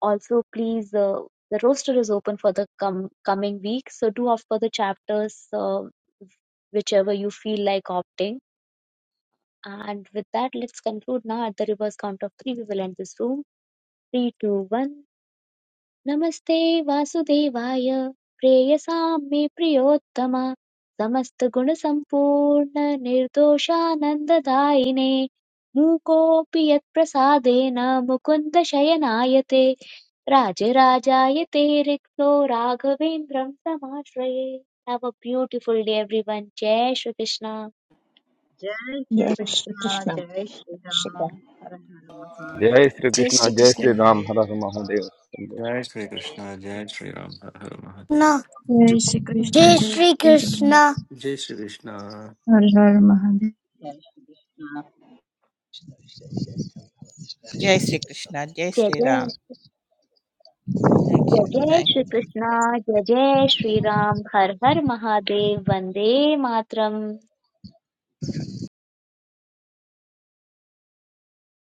S1: Also, please, uh, the roster is open for the com- coming week, so do opt for the chapters, uh, whichever you feel like opting. And with that, let's conclude now at the reverse count of three. We will end this room. Three, two, one. नमस्ते वासुदेवाय प्रेयसां मे प्रियोत्तम समस्तगुणसम्पूर्ण निर्दोषानन्ददायिने मूकोऽपि यत्प्रसादेन मुकुन्द शयनायते राजराजायते रिक्तो राघवेन्द्रं समाश्रये have a beautiful day everyone जय श्रीकृष्ण
S2: जय श्री
S5: जय
S2: कृष्ण
S5: श्रीकृष्ण
S2: जय श्री राम हर हर
S9: जय
S2: महादेव
S9: श्री
S6: जय
S9: कृष्ण जय श्री
S3: जय
S6: श्रीकृष्ण
S9: राम हर
S3: जय
S9: हर महादेव
S10: जय श्रीकृष्ण जय श्रीराम हर हर महादेव
S7: जय श्री
S4: कृष्ण
S7: कृष्ण
S4: जय
S7: जय
S4: श्री
S7: श्री राम
S4: कृष्ण जय श्रीकृष्ण
S7: हर हर महादेव
S2: जय श्री कृष्ण
S8: जय श्री कृष्ण जय
S1: जय
S8: श्री
S1: जय
S8: राम
S1: श्री-
S8: थैंक यू
S1: जय जय
S8: थैंक यू।
S1: श्रीकृष्ण जय जय श्रीराम हर हर महादेव वन्दे मातरम्